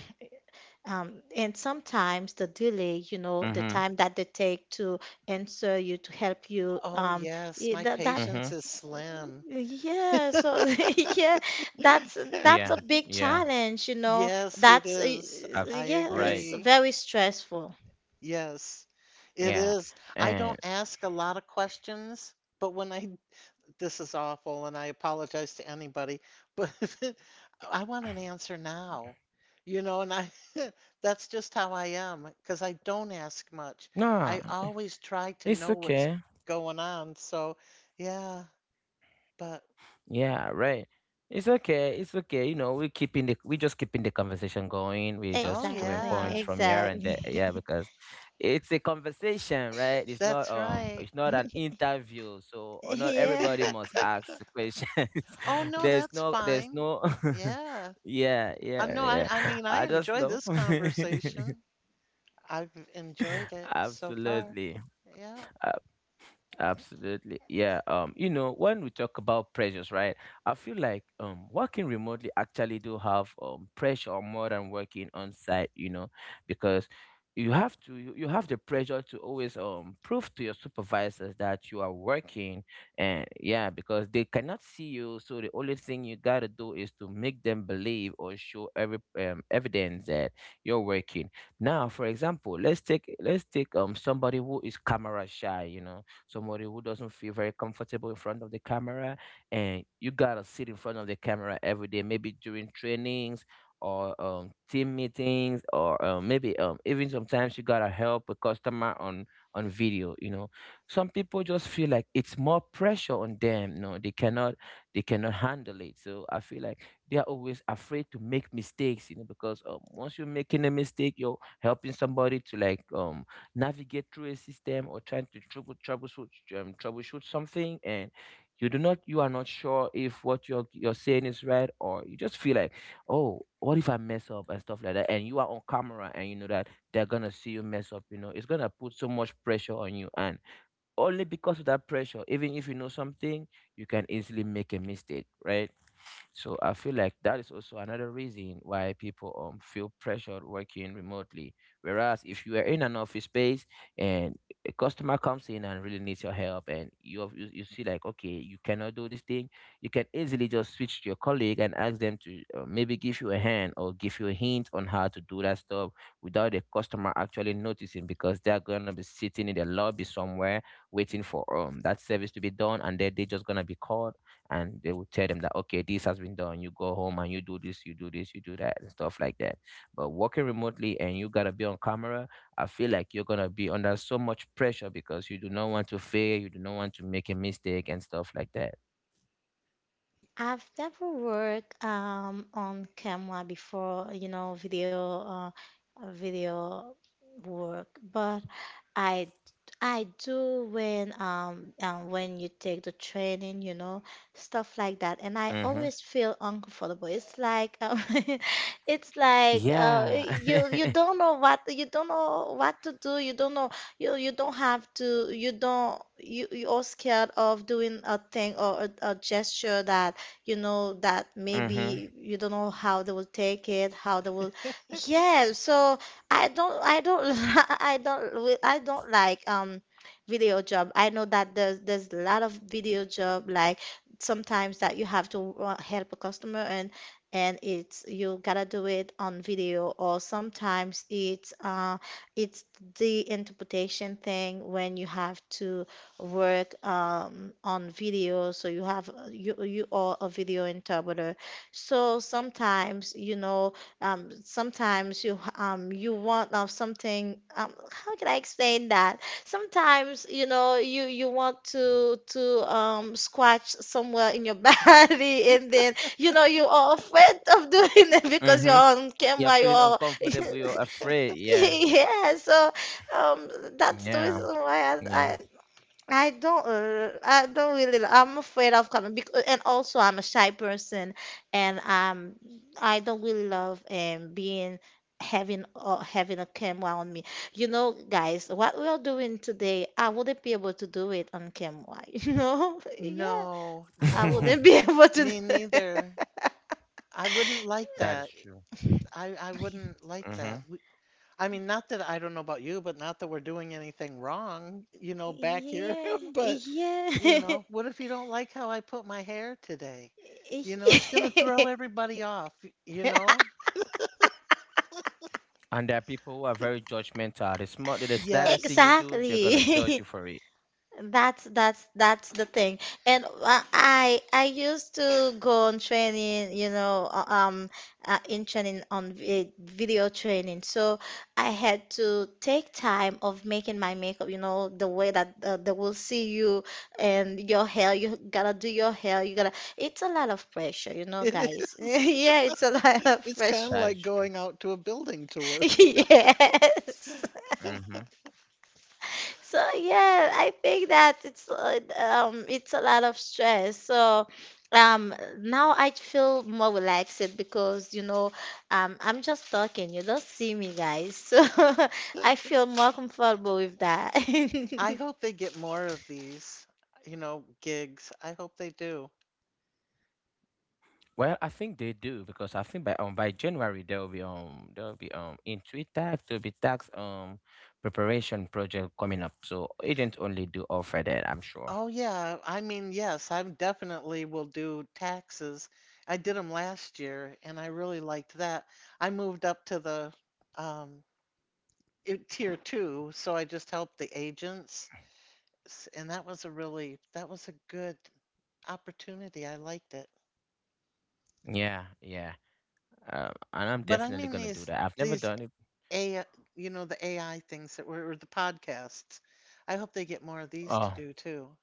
Speaker 1: and sometimes the delay, you know, the
Speaker 3: mm-hmm,
Speaker 1: time that they take to answer you, to help you,
Speaker 2: Oh yes,
Speaker 1: I-
Speaker 2: my
Speaker 1: that that
Speaker 2: patience
Speaker 3: mm-hmm.
Speaker 2: is slim.
Speaker 1: yeah, so, [laughs] yeah, that's that's
Speaker 3: Yeah,
Speaker 1: a big
Speaker 3: yeah,
Speaker 1: challenge, you know.
Speaker 2: Yes, it
Speaker 1: That's
Speaker 2: is.
Speaker 3: abs-
Speaker 2: I
Speaker 1: yeah,
Speaker 3: right.
Speaker 1: it's
Speaker 2: agree.
Speaker 1: very stressful.
Speaker 2: Yes, it
Speaker 3: Yeah.
Speaker 2: is. I
Speaker 3: And
Speaker 2: don't ask a lot of questions, but when I, this is awful and I apologize to anybody, but [laughs] I want an answer now. You know, [laughs] that's just how I am because I don't ask much.
Speaker 3: no,
Speaker 2: I always try to
Speaker 3: it's
Speaker 2: know what's
Speaker 3: okay.
Speaker 2: going on. So, yeah, but
Speaker 3: Yeah, right. It's okay. It's okay. You know, we keeping the, we just keeping the conversation going. We
Speaker 2: oh,
Speaker 3: just drawing
Speaker 1: Exactly,
Speaker 3: points
Speaker 2: yeah,
Speaker 3: from here and
Speaker 1: exactly.
Speaker 3: there.
Speaker 1: [laughs]
Speaker 3: Yeah, because it's a conversation, right?
Speaker 2: that's right.
Speaker 3: It's not an interview. So or not
Speaker 1: Yeah.
Speaker 3: everybody must
Speaker 2: [laughs]
Speaker 3: ask the questions.
Speaker 2: Oh
Speaker 3: [laughs]
Speaker 2: no,
Speaker 3: There's
Speaker 2: that's
Speaker 3: no, there's
Speaker 2: fine.
Speaker 3: no
Speaker 2: Yeah.
Speaker 3: [laughs] yeah,
Speaker 2: Uh,
Speaker 3: yeah,
Speaker 2: no, I
Speaker 3: yeah.
Speaker 2: I mean I
Speaker 3: I just
Speaker 2: enjoy
Speaker 3: love
Speaker 2: this
Speaker 3: [laughs]
Speaker 2: conversation. I've enjoyed it so far.
Speaker 3: absolutely.
Speaker 2: Yeah.
Speaker 3: Uh, Absolutely. Yeah. You know, when we talk about pressures, right? I feel like working remotely actually do have pressure more than working on site, you know, because you have the pressure to always prove to your supervisors that you are working and yeah, because they cannot see you. So the only thing you gotta do is to make them believe or show every evidence that you're working. Now, for example, let's take somebody who is camera shy, you know, somebody who doesn't feel very comfortable in front of the camera, and you gotta sit in front of the camera every day, maybe during trainings or team meetings, or maybe even sometimes you gotta help a customer on video. You know, some people just feel like it's more pressure on them. No, they cannot handle it. So I feel like they are always afraid to make mistakes. You know, because once you're making a mistake, you're helping somebody to like navigate through a system or trying to troubleshoot troubleshoot something, and you are not sure if what you're saying is right, or you just feel like, oh, what if I mess up and stuff like that, and you are on camera and you know that they're gonna see you mess up. You know, it's gonna put so much pressure on you, and only because of that pressure, even if you know something, you can easily make a mistake, right? So I feel like that is also another reason why people feel pressured working remotely. Whereas if you are in an office space and a customer comes in and really needs your help, and you see like, okay, you cannot do this thing, you can easily just switch to your colleague and ask them to maybe give you a hand or give you a hint on how to do that stuff without the customer actually noticing, because they're gonna be sitting in the lobby somewhere waiting for that service to be done, and then they're just gonna be called, and they would tell them that, okay, this has been done, you go home and you do this, you do this, you do that, and stuff like that. But working remotely and you gotta be on camera, I feel like you're gonna be under so much pressure because you do not want to fail, you do not want to make a mistake, and stuff like that.
Speaker 1: I've never worked, on camera before, you know, video work, but I I do when, when you take the training, you know, stuff like that, and I
Speaker 3: Mm-hmm.
Speaker 1: always feel uncomfortable. It's like, [laughs] it's like,
Speaker 3: Yeah. [laughs]
Speaker 1: you don't know what to do. You don't know, you don't have to, you don't, you're scared of doing a thing, or a gesture that, you know, that
Speaker 3: mm-hmm.
Speaker 1: maybe you don't know how they will take it, how they will. Yeah, so I don't, [laughs] I don't like video job. I know that there's a lot of video job, like sometimes that you have to, help a customer, and it's, you gotta do it on video, or sometimes it's the interpretation thing, when you have to work, on video, so you have, you are a video interpreter. So sometimes, you know, sometimes you want of something. How can I explain that? Sometimes, you know, you want to scratch somewhere in your [laughs] body, and then, you know, you are afraid of doing it
Speaker 3: Mm-hmm.
Speaker 1: because you're on
Speaker 3: You're feeling
Speaker 1: camera. You're
Speaker 3: uncomfortable, you're afraid,
Speaker 2: [laughs]
Speaker 3: yeah.
Speaker 1: [laughs] yeah. So, um, that's
Speaker 3: Yeah,
Speaker 1: the reason why I,
Speaker 3: yeah.
Speaker 1: I I don't, uh, I don't really. I'm afraid of coming because, and also I'm a shy person, and, I don't really love being having or having a camera on me. You know, guys, what we are doing today, I wouldn't be able to do it on camera. [laughs] You know, yeah,
Speaker 2: No,
Speaker 1: I
Speaker 2: no,
Speaker 1: wouldn't
Speaker 3: [laughs]
Speaker 1: be [laughs] able to.
Speaker 2: me neither. I wouldn't like
Speaker 3: that is
Speaker 2: that.
Speaker 3: true.
Speaker 2: I wouldn't like
Speaker 3: Mm-hmm.
Speaker 2: that. We, I mean, not that I don't know about you, but not that we're doing anything wrong, you
Speaker 1: [laughs]
Speaker 2: know, back here.
Speaker 1: Yeah,
Speaker 2: [laughs] But,
Speaker 1: yeah,
Speaker 2: you
Speaker 1: [laughs]
Speaker 2: know, what if you don't like how I put my hair today? You know, it's gonna throw
Speaker 1: yeah.
Speaker 2: everybody off, you know?
Speaker 3: And there are people who are very judgmental. The small, the
Speaker 1: [laughs]
Speaker 3: slightest thing you do,
Speaker 2: Yes.
Speaker 3: they're gonna judge you
Speaker 1: exactly.
Speaker 3: for
Speaker 1: [laughs]
Speaker 3: it.
Speaker 1: That's the thing. And, I used to go on training, you know, in training on vi video training. So I had to take time of making my makeup, you know, the way that, they will see you, and your hair. You gotta do your hair. You gotta. It's a lot of pressure, you know,
Speaker 2: It
Speaker 1: guys. [laughs]
Speaker 2: is. [laughs]
Speaker 1: Yeah, it's a lot of
Speaker 2: It's kind
Speaker 1: pressure.
Speaker 2: of like
Speaker 3: That is.
Speaker 2: going out to a building to work.
Speaker 1: [laughs] Yes.
Speaker 3: Mm-hmm.
Speaker 1: So yeah, I think that it's a lot of stress. So, now I feel more relaxed, because, you know, I'm just talking. You don't see me, guys. [laughs] So I feel more comfortable with that.
Speaker 2: [laughs] I
Speaker 1: [laughs]
Speaker 2: hope they get more of these, you know, gigs. I hope they do.
Speaker 3: Well, I think they do, because I think by January there will be in three tax there will be tax preparation project coming up. So Agents Only do offer that, I'm sure.
Speaker 2: Oh yeah, I mean, yes, I definitely will do taxes. I did them last year and I really liked that. I moved up to the um tier 2, so I just helped the agents, and that was a really, that was a good opportunity. I liked it.
Speaker 3: Yeah, yeah. And I'm
Speaker 2: But I
Speaker 3: definitely
Speaker 2: mean
Speaker 3: gonna do
Speaker 2: these
Speaker 3: that. I've never
Speaker 2: these
Speaker 3: done it.
Speaker 2: A you know, the AI things that were, or the podcasts. I hope they get more of these to
Speaker 3: Oh
Speaker 2: do too.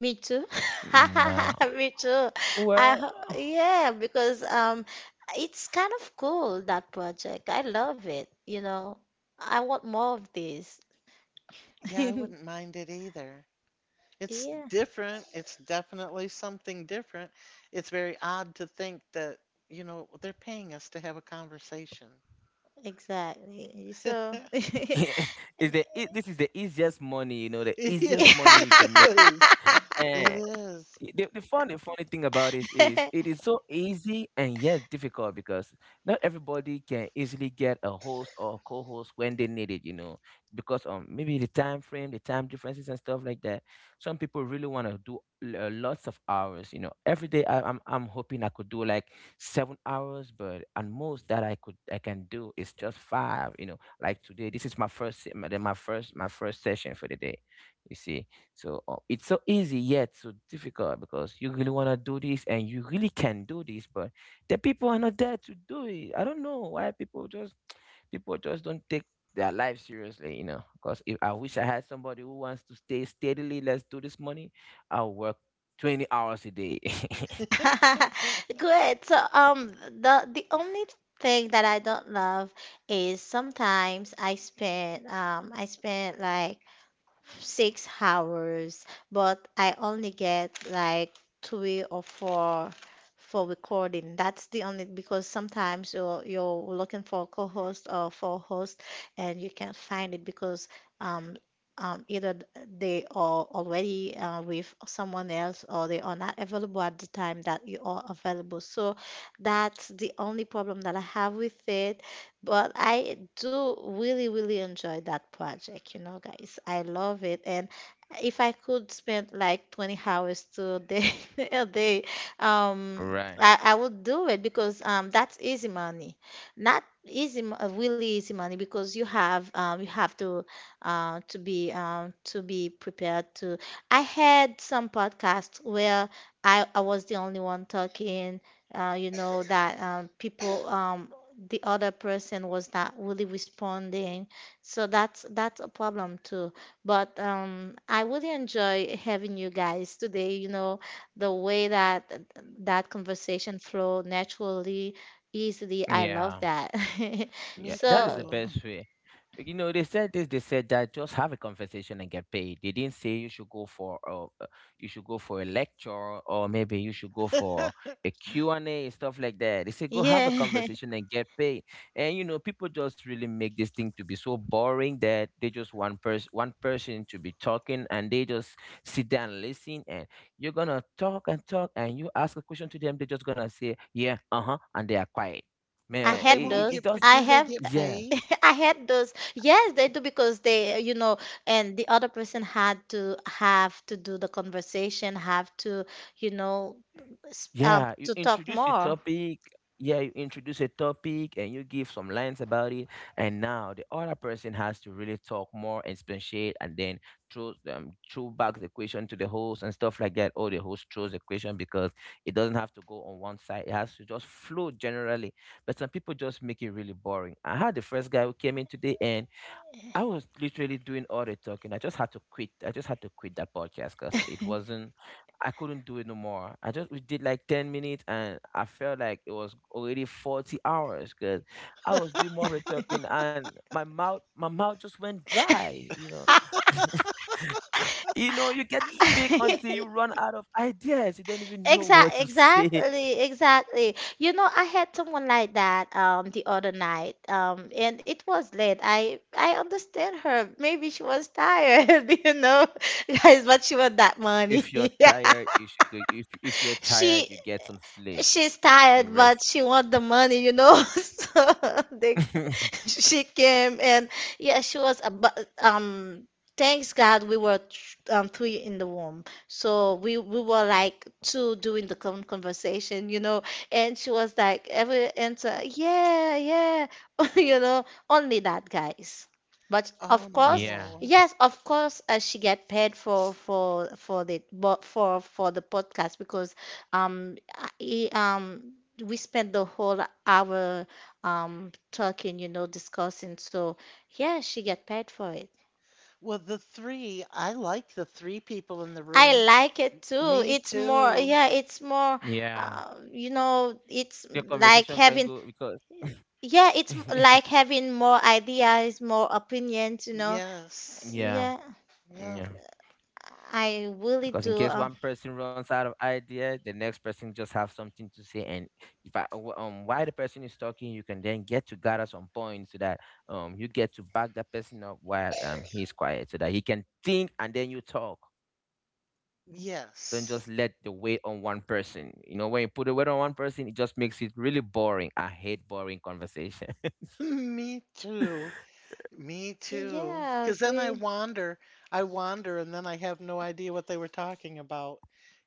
Speaker 1: Me too.
Speaker 3: no.
Speaker 1: [laughs] Me too.
Speaker 3: Well,
Speaker 1: Yeah, because it's kind of cool, that project. I love it, you know. I want more of this.
Speaker 2: Yeah, I wouldn't
Speaker 1: [laughs]
Speaker 2: mind it either. It's
Speaker 1: Yeah.
Speaker 2: different. It's definitely something different. It's very odd to think that, you know, they're paying us to have a conversation.
Speaker 1: Exactly. So, [laughs]
Speaker 2: [laughs]
Speaker 1: yeah.
Speaker 3: [laughs] is this is the easiest money, you know, the
Speaker 2: It
Speaker 3: easiest money you can make.
Speaker 2: is. It
Speaker 3: Eh,
Speaker 2: is.
Speaker 3: The funny funny thing about this is it
Speaker 1: [laughs]
Speaker 3: is so easy and yet difficult, because not everybody can easily get a host or co-host when they need it, you know, because maybe the time frame, the time differences and stuff like that. Some people really want to do lots of hours, you know, every day. I'm hoping I could do like 7 hours, but at most that I can do is just 5, you know, like today, this is my first my first session for the day, you see. So it's so easy yet so difficult, because you really want to do this and you really can do this, but the people are not there to do it. I don't know why people just, [tsk] people just don't take their life seriously, you know. Because if, I wish I had somebody who wants to stay steadily, let's do this money, I'll work 20 hours a day. [laughs]
Speaker 1: Good. So, the only thing that I don't love is, sometimes I spend like 6 hours, but I only get like three or four for recording. That's the only, because sometimes you're looking for a co-host or for a host, and you can't find it because, um either they are already, with someone else, or they are not available at the time that you are available. So that's the only problem that I have with it. But I do really, really enjoy that project, you know, guys. I love it. And if I could spend like 20 hours to a day, [laughs] a day, um,
Speaker 3: Right.
Speaker 1: I would do it because that's easy money. Not easy, really easy money because you have to be prepared to. I had some podcasts where I was the only one talking you know that people the other person was not really responding. So that's a problem too. But I really enjoy having you guys today. You know, the way that conversation flow naturally, easily. I love
Speaker 3: Yeah.
Speaker 1: that. [laughs]
Speaker 3: Yeah,
Speaker 2: Me
Speaker 3: that is
Speaker 1: So
Speaker 3: the
Speaker 2: too.
Speaker 3: best way. Like, you know, they said this, they said that. Just have a conversation and get paid. They didn't say you should go for you should go for a lecture, or maybe you should go for a
Speaker 2: [laughs]
Speaker 3: Q and A and stuff like that. They said go have
Speaker 1: yeah,
Speaker 3: a conversation and get paid. And you know, people just really make this thing to be so boring that they just want person one person to be talking, and they just sit down and listen. And you're gonna talk and talk and you ask a question to them. They're just gonna say yeah, uh huh, and they are quiet,
Speaker 1: [laughs] I
Speaker 2: But
Speaker 3: man. it,
Speaker 2: they
Speaker 1: had
Speaker 3: it
Speaker 2: won't
Speaker 3: it
Speaker 1: those.
Speaker 2: get,
Speaker 3: does.
Speaker 1: I
Speaker 2: do they
Speaker 1: have
Speaker 2: get
Speaker 3: Yeah,
Speaker 2: paid?
Speaker 1: [laughs] I had those. Yes, they do because they, you know, and the other person had to have to do the conversation, have to, you know,
Speaker 3: yeah. You
Speaker 1: to talk
Speaker 3: introduce a
Speaker 1: more.
Speaker 3: topic. Yeah, you introduce a topic and you give some lines about it. And now the other person has to really talk more and speciate, and then throw back the question to the host and stuff like that. Or the host throws the question, because it doesn't have to go on one side. It has to just flow generally. But some people just make it really boring. I had the first guy who came in today, and I was literally doing all the talking. I just had to quit. I just had to quit that podcast because it wasn't. I couldn't do it no more. I just, we did like 10 minutes, and I felt like it was already 40 hours, because I was doing more of the talking, and my mouth just went dry. You know, [laughs] you know, you get to speak until
Speaker 2: [laughs]
Speaker 3: you run out of ideas. You don't even know [laughs] what
Speaker 1: Exactly,
Speaker 3: to say.
Speaker 1: exactly, exactly. You know, I had someone like that the other night. And it was late. I understand her. Maybe she was tired, [laughs] you know, [laughs] guys, but she want that
Speaker 3: If
Speaker 1: money.
Speaker 3: you're
Speaker 1: [laughs]
Speaker 3: tired, you should go. If you're tired,
Speaker 1: She
Speaker 3: you get some sleep.
Speaker 1: She's
Speaker 3: You
Speaker 1: tired, but
Speaker 3: rest.
Speaker 1: she want the money, you know. [laughs] So they,
Speaker 3: [laughs]
Speaker 1: she came and yeah, she was about. Thanks God we were three in the womb, so we were like two doing the conversation, you know. And she was like every answer, yeah, yeah, [laughs] you know, only that guys. But
Speaker 2: Oh
Speaker 1: of course,
Speaker 2: no.
Speaker 3: Yeah.
Speaker 1: yes, of course, she get paid for the bo- for the podcast because um, I, um, we spent the whole hour talking, you know, discussing. So yeah, she get paid for it.
Speaker 2: Well, the three, I like the three people in the
Speaker 1: I
Speaker 2: room.
Speaker 1: like it too.
Speaker 2: Me
Speaker 1: It's more,
Speaker 2: too.
Speaker 1: yeah, it's more,
Speaker 3: Yeah.
Speaker 1: you know, it's
Speaker 3: The
Speaker 1: like
Speaker 3: conversation can go because
Speaker 1: yeah, like having
Speaker 3: [laughs]
Speaker 1: more ideas, more opinions, you know.
Speaker 2: Yes.
Speaker 1: Yeah,
Speaker 3: yeah,
Speaker 2: Yeah.
Speaker 3: yeah,
Speaker 1: I really
Speaker 3: because
Speaker 1: do.
Speaker 3: in case one person runs out of idea, the next person just have something to say. And if while the person is talking, you can then get to gather some points, so that you get to back that person up while he's quiet, so that he can think and then you talk. Don't just
Speaker 2: Yes.
Speaker 3: let the weight on one person, you know. When you put the weight on one person, it just makes it really boring. I hate boring conversations.
Speaker 2: [laughs] Me too. Me
Speaker 1: Yeah,
Speaker 2: too.
Speaker 1: I
Speaker 2: Because then I
Speaker 1: agree.
Speaker 2: wander. I wander and then I have no idea what they were talking about,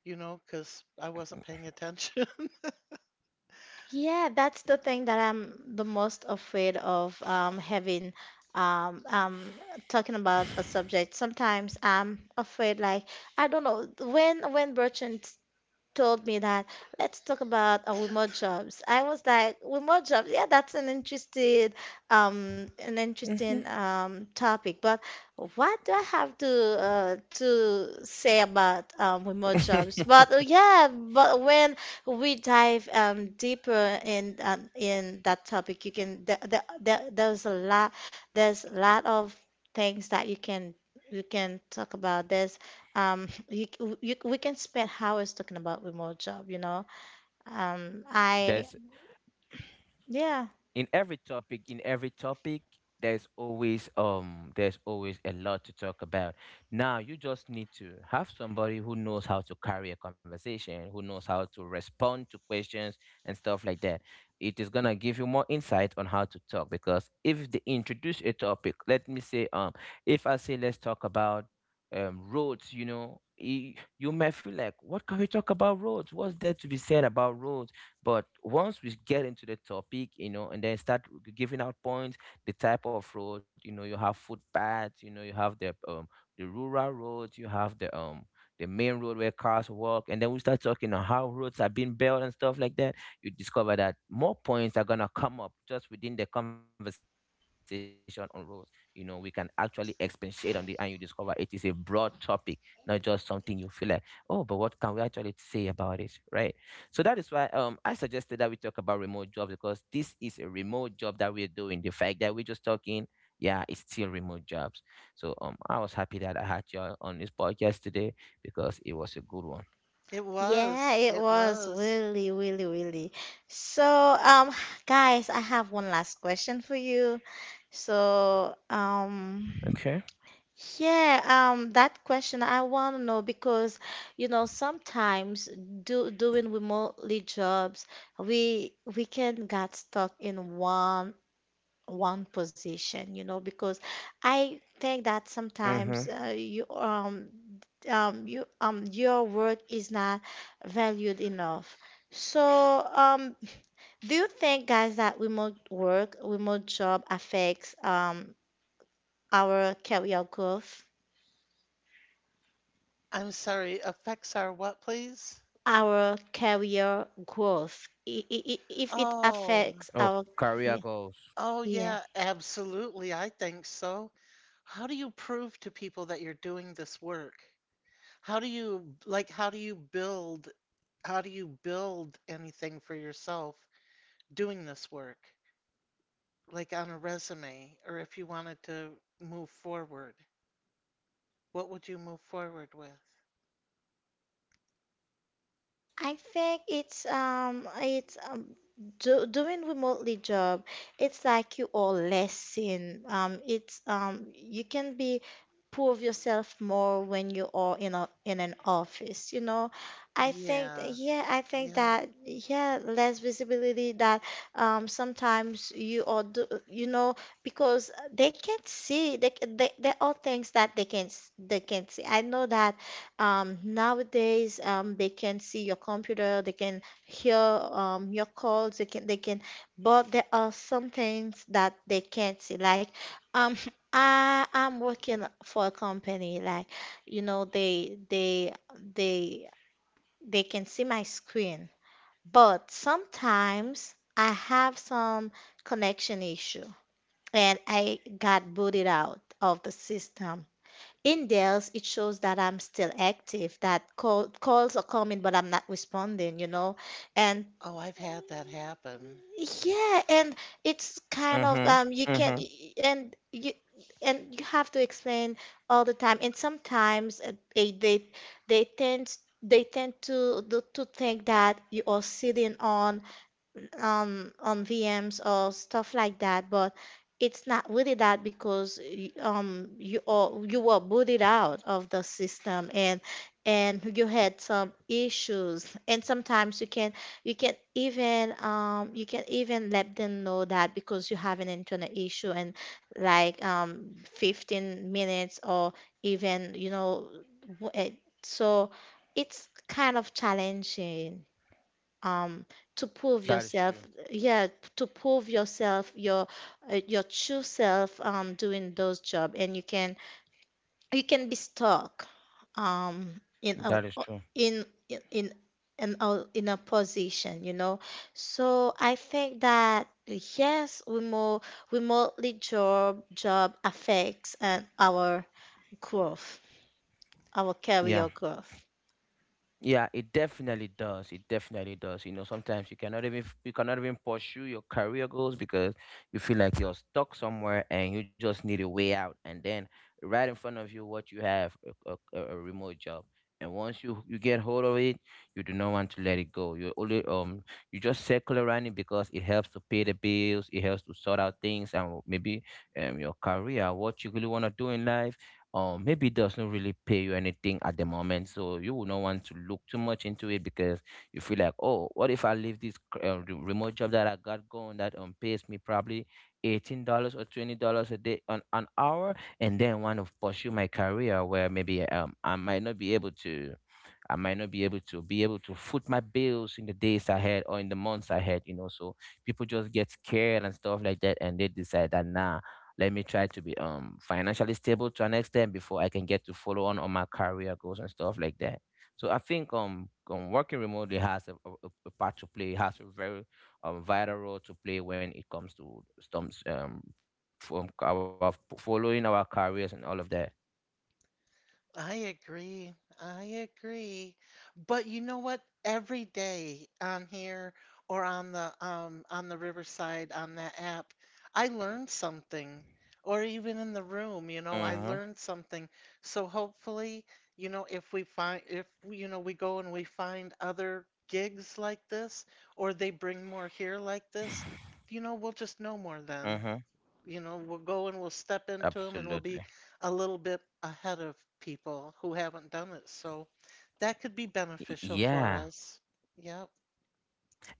Speaker 2: you know, because I wasn't paying attention. [laughs]
Speaker 1: Yeah, that's the thing that I'm the most afraid of having um, um, talking about a subject. Sometimes I'm afraid, like I don't know when Bertrand told me that let's talk about remote jobs. I was like, remote jobs, yeah, that's an
Speaker 3: [laughs]
Speaker 1: interesting
Speaker 3: Hmm.
Speaker 1: topic. But what do I have to say about remote jobs? But yeah, but when we dive deeper in that topic, you can there's a lot of things that you can talk about. There's um, [laughs] you, we can spend hours talking about remote job, you know. Um, I,
Speaker 3: there's
Speaker 1: yeah,
Speaker 3: In every topic, in every topic, there's always a lot to talk about. Now you just need to have somebody who knows how to carry a conversation, who knows how to respond to questions and stuff like that. It is going to give you more insight on how to talk, because if they introduce a topic, let me say if I say let's talk about roads, you know, you may feel like, what can we talk about roads, what's there to be said about roads? But once we get into the topic, you know, and then start giving out points, the type of road, you know, you have footpaths, you know, you have the rural roads, you have the main road where cars walk, and then we start talking on how roads are being built and stuff like that. You discover that more points are gonna come up just within the conversation on roads. You know, we can actually expatiate on it, and you discover it is a broad topic, not just something you feel like, oh, but what can we actually say about it, right? So that is why I suggested that we talk about remote jobs, because this is a remote job that we're doing. The fact that we're just talking, yeah, it's still remote jobs. So I was happy that I had you on this podcast today, because it was a good one.
Speaker 2: It
Speaker 1: yeah,
Speaker 2: was.
Speaker 1: it
Speaker 2: It
Speaker 1: was
Speaker 2: was.
Speaker 1: really, really, really. So, guys, I have one last question for you. So,
Speaker 3: Okay.
Speaker 1: yeah, that question I want to know because, you know, sometimes do doing remotely jobs, we can get stuck in one position, you know, because I think that sometimes
Speaker 3: Mm-hmm.
Speaker 1: your work is not valued enough. So do you think, guys, that remote work, remote job affects our career growth?
Speaker 2: I'm sorry. Effects are what, please?
Speaker 1: Our career growth. If it
Speaker 2: Oh.
Speaker 1: affects
Speaker 3: Oh,
Speaker 1: our
Speaker 3: career
Speaker 1: yeah,
Speaker 3: goals.
Speaker 2: Oh,
Speaker 1: yeah.
Speaker 2: yeah. Absolutely. I think so. How do you prove to people that you're doing this work? How do you build, how do you build anything for yourself doing this work? Like on a resume, or if you wanted to move forward, what would you move forward with?
Speaker 1: I think it's doing remotely job. It's like you all lesson. It's you can be prove yourself more when you are in a in an office. You know, I think
Speaker 2: Yeah.
Speaker 1: yeah, I think
Speaker 2: Yeah.
Speaker 1: that yeah, less visibility that sometimes you are you know because they can't see they, c- they there are things that they can they can't see. I know that nowadays, they can see your computer, they can hear your calls, but there are some things that they can't see. Like, um, [laughs] I'm working for a company, like, you know, they they can see my screen, but sometimes I have some connection issue and I got booted out of the system in theirs. It shows that I'm still active, that calls are coming but I'm not responding, you know. And
Speaker 2: Oh, I've had that happen.
Speaker 1: yeah, and it's kind of
Speaker 3: Mm-hmm.
Speaker 1: you can't,
Speaker 3: Mm-hmm.
Speaker 1: and you and you have to explain all the time. And sometimes they tend they tend to think that you are sitting on on VMs or stuff like that, but it's not really that because you or you were booted out of the system, and you had some issues. And sometimes you can even let them know that because you have an internal issue and like 15 minutes or even you know w- eh, so it's kind of challenging um, to prove
Speaker 3: That is
Speaker 1: yourself.
Speaker 3: true.
Speaker 1: Yeah, to prove yourself, your true self doing those job, and you can be stuck in a
Speaker 3: That is true.
Speaker 1: in in in in a, in a position, you know. So I think that yes, remote remotely job affects and our growth, our
Speaker 3: Yeah.
Speaker 1: career growth.
Speaker 3: Yeah, it definitely does. It definitely does. You know, sometimes you cannot even pursue your career goals, because you feel like you're stuck somewhere and you just need a way out. And then right in front of you, what you have, a remote job. And once you get hold of it, you do not want to let it go. You only you just circle around it because it helps to pay the bills. It helps to sort out things. And maybe your career, what you really want to do in life, maybe it doesn't really pay you anything at the moment, so you will not want to look too much into it, because you feel like, oh, what if I leave this remote job that I got going, that pays me probably $18 or $20 a day, an hour, and then want to pursue my career where maybe I might not be able to, I might not be able to foot my bills in the days ahead or in the months ahead, you know. So people just get scared and stuff like that, and they decide that nah, let me try to be financially stable to an extent before I can get to follow on my career goals and stuff like that. So I think working remotely has a part to play, has a very vital role to play when it comes to stumps from our following our careers and all of that.
Speaker 2: I agree. I agree. But you know what? Every day on here or on the Riverside on that app, I learned something. Or even in the room, you know, I
Speaker 3: Mm-hmm.
Speaker 2: learned something. So hopefully, you know, if we find, if we- you know, we go and we find other gigs like this, or they bring more here like this, you know, we'll just know more then,
Speaker 3: Mm-hmm.
Speaker 2: you know, we'll go and we'll step into them and we'll be
Speaker 3: Absolutely.
Speaker 2: a little bit ahead of people who haven't done it. So that could be beneficial for
Speaker 3: Yeah.
Speaker 2: us. Yep.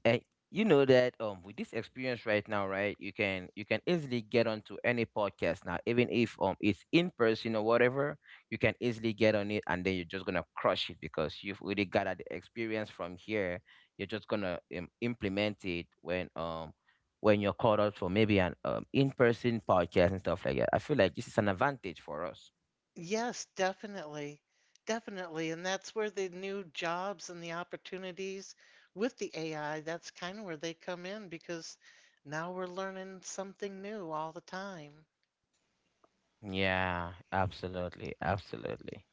Speaker 3: And you know that with this experience right now, right, you can easily get onto any podcast now, even if it's in person or whatever, you can easily get on it, and then you're just gonna crush it, because you've already gathered the experience from here. You're just gonna implement it when you're called out for maybe an in-person podcast and stuff like that. I feel like this is an advantage for us.
Speaker 2: Yes, definitely. Definitely. And that's where the new jobs and the opportunities with the AI, that's kind of where they come in, because now we're learning something new all the time.
Speaker 3: Yeah, absolutely, absolutely.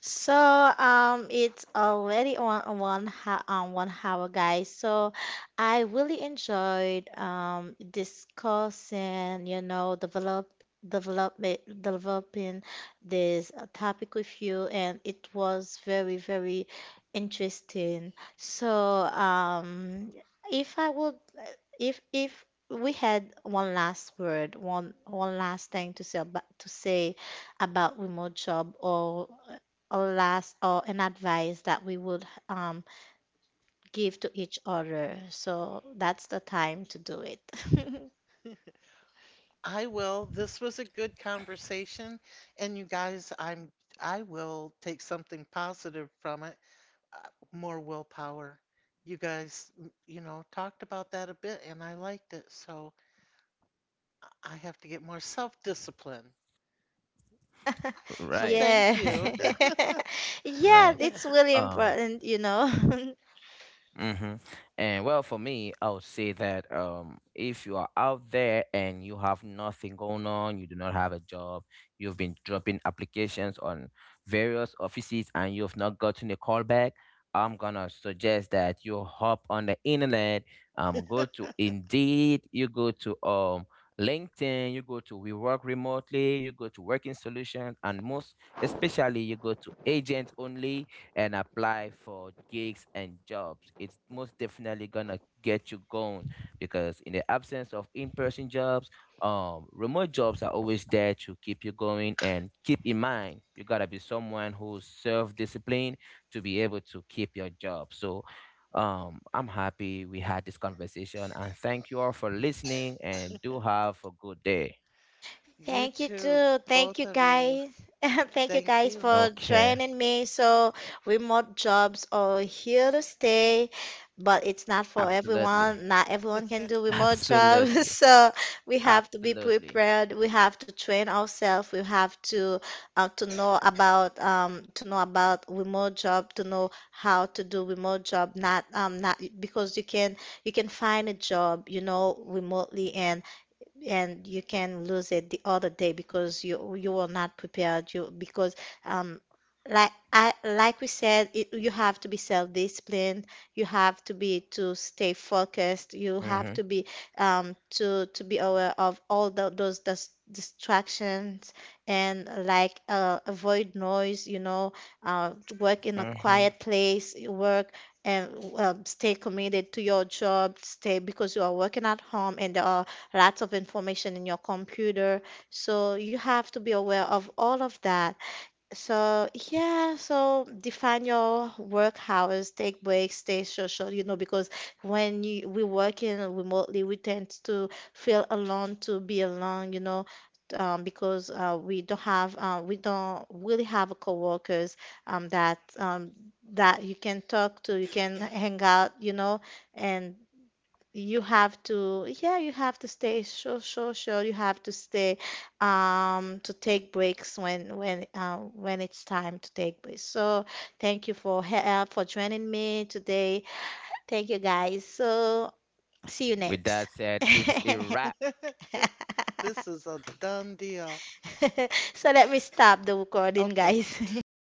Speaker 1: So it's already on 1 hour, guys. So I really enjoyed discussing, you know, developing this topic with you, and it was very, very interesting. So um, if I would if we had one last word, one last thing to say about remote job, or a last or an advice that we would give to each other. So that's the time to do it. [laughs]
Speaker 2: I will. This was a good conversation, and you guys, I will take something positive from it. More willpower. You guys, you know, talked about that a bit and I liked it, so I have to get more self-discipline. So
Speaker 3: Right.
Speaker 2: thank
Speaker 1: Yeah.
Speaker 3: [laughs]
Speaker 2: you.
Speaker 1: [laughs] Yeah,
Speaker 3: Right.
Speaker 1: it's really
Speaker 3: Um.
Speaker 1: important, you know. [laughs]
Speaker 3: Mm-hmm. And well, for me, I would say that if you are out there and you have nothing going on, you do not have a job, you've been dropping applications on various offices and you've not gotten a call back, I'm gonna suggest that you hop on the internet, go to
Speaker 2: [laughs]
Speaker 3: Indeed, you go to LinkedIn, you go to We Work Remotely, you go to Working Solutions, and most especially you go to Agent Only and apply for gigs and jobs. It's most definitely gonna get you going, because in the absence of in-person jobs, remote jobs are always there to keep you going. And keep in mind, you gotta be someone who's self-disciplined to be able to keep your job. So, I'm happy we had this conversation, and thank you all for listening. And do have a good day.
Speaker 2: You
Speaker 1: Thank you
Speaker 2: too,
Speaker 1: too. Thank
Speaker 2: both
Speaker 1: you,
Speaker 2: of you.
Speaker 1: guys. [laughs] Thank you,
Speaker 2: Thank
Speaker 1: guys,
Speaker 2: you.
Speaker 1: for
Speaker 3: Okay.
Speaker 1: joining me. So remote jobs are here to stay, but it's not for
Speaker 3: Absolutely.
Speaker 1: everyone. Not everyone can do
Speaker 3: [laughs]
Speaker 1: remote jobs.
Speaker 3: Absolutely.
Speaker 1: [laughs] So we have to be
Speaker 3: Absolutely.
Speaker 1: prepared. We have to train ourselves. We have to know about remote job, to know how to do remote job, not not because you can find a job, you know, remotely, and you can lose it the other day because you were not prepared, you because um like I like we said it, you have to be self-disciplined, you have to be to stay focused, you
Speaker 3: Mm-hmm.
Speaker 1: have to be to be aware of all those distractions, and like avoid noise, you know, uh, work in a
Speaker 3: Mm-hmm.
Speaker 1: quiet place, work and stay committed to your job, stay because you are working at home and there are lots of information in your computer. So you have to be aware of all of that. So, yeah, so define your work hours, take breaks, stay social, you know, because we work in remotely, we tend to feel alone, to be alone, you know, because we don't have, we don't really have coworkers um, that um, that you can talk to, you can hang out, you know, and you have to yeah you have to stay so social, you have to stay to take breaks when when it's time to take breaks. So thank you for for joining me today. Thank you, guys. So see you
Speaker 3: With
Speaker 1: next
Speaker 3: that said, it's a wrap.
Speaker 2: [laughs]
Speaker 1: [laughs]
Speaker 2: This is a done deal.
Speaker 1: so let me stop the recording,
Speaker 2: Okay.
Speaker 1: guys.
Speaker 3: [laughs]
Speaker 1: [laughs]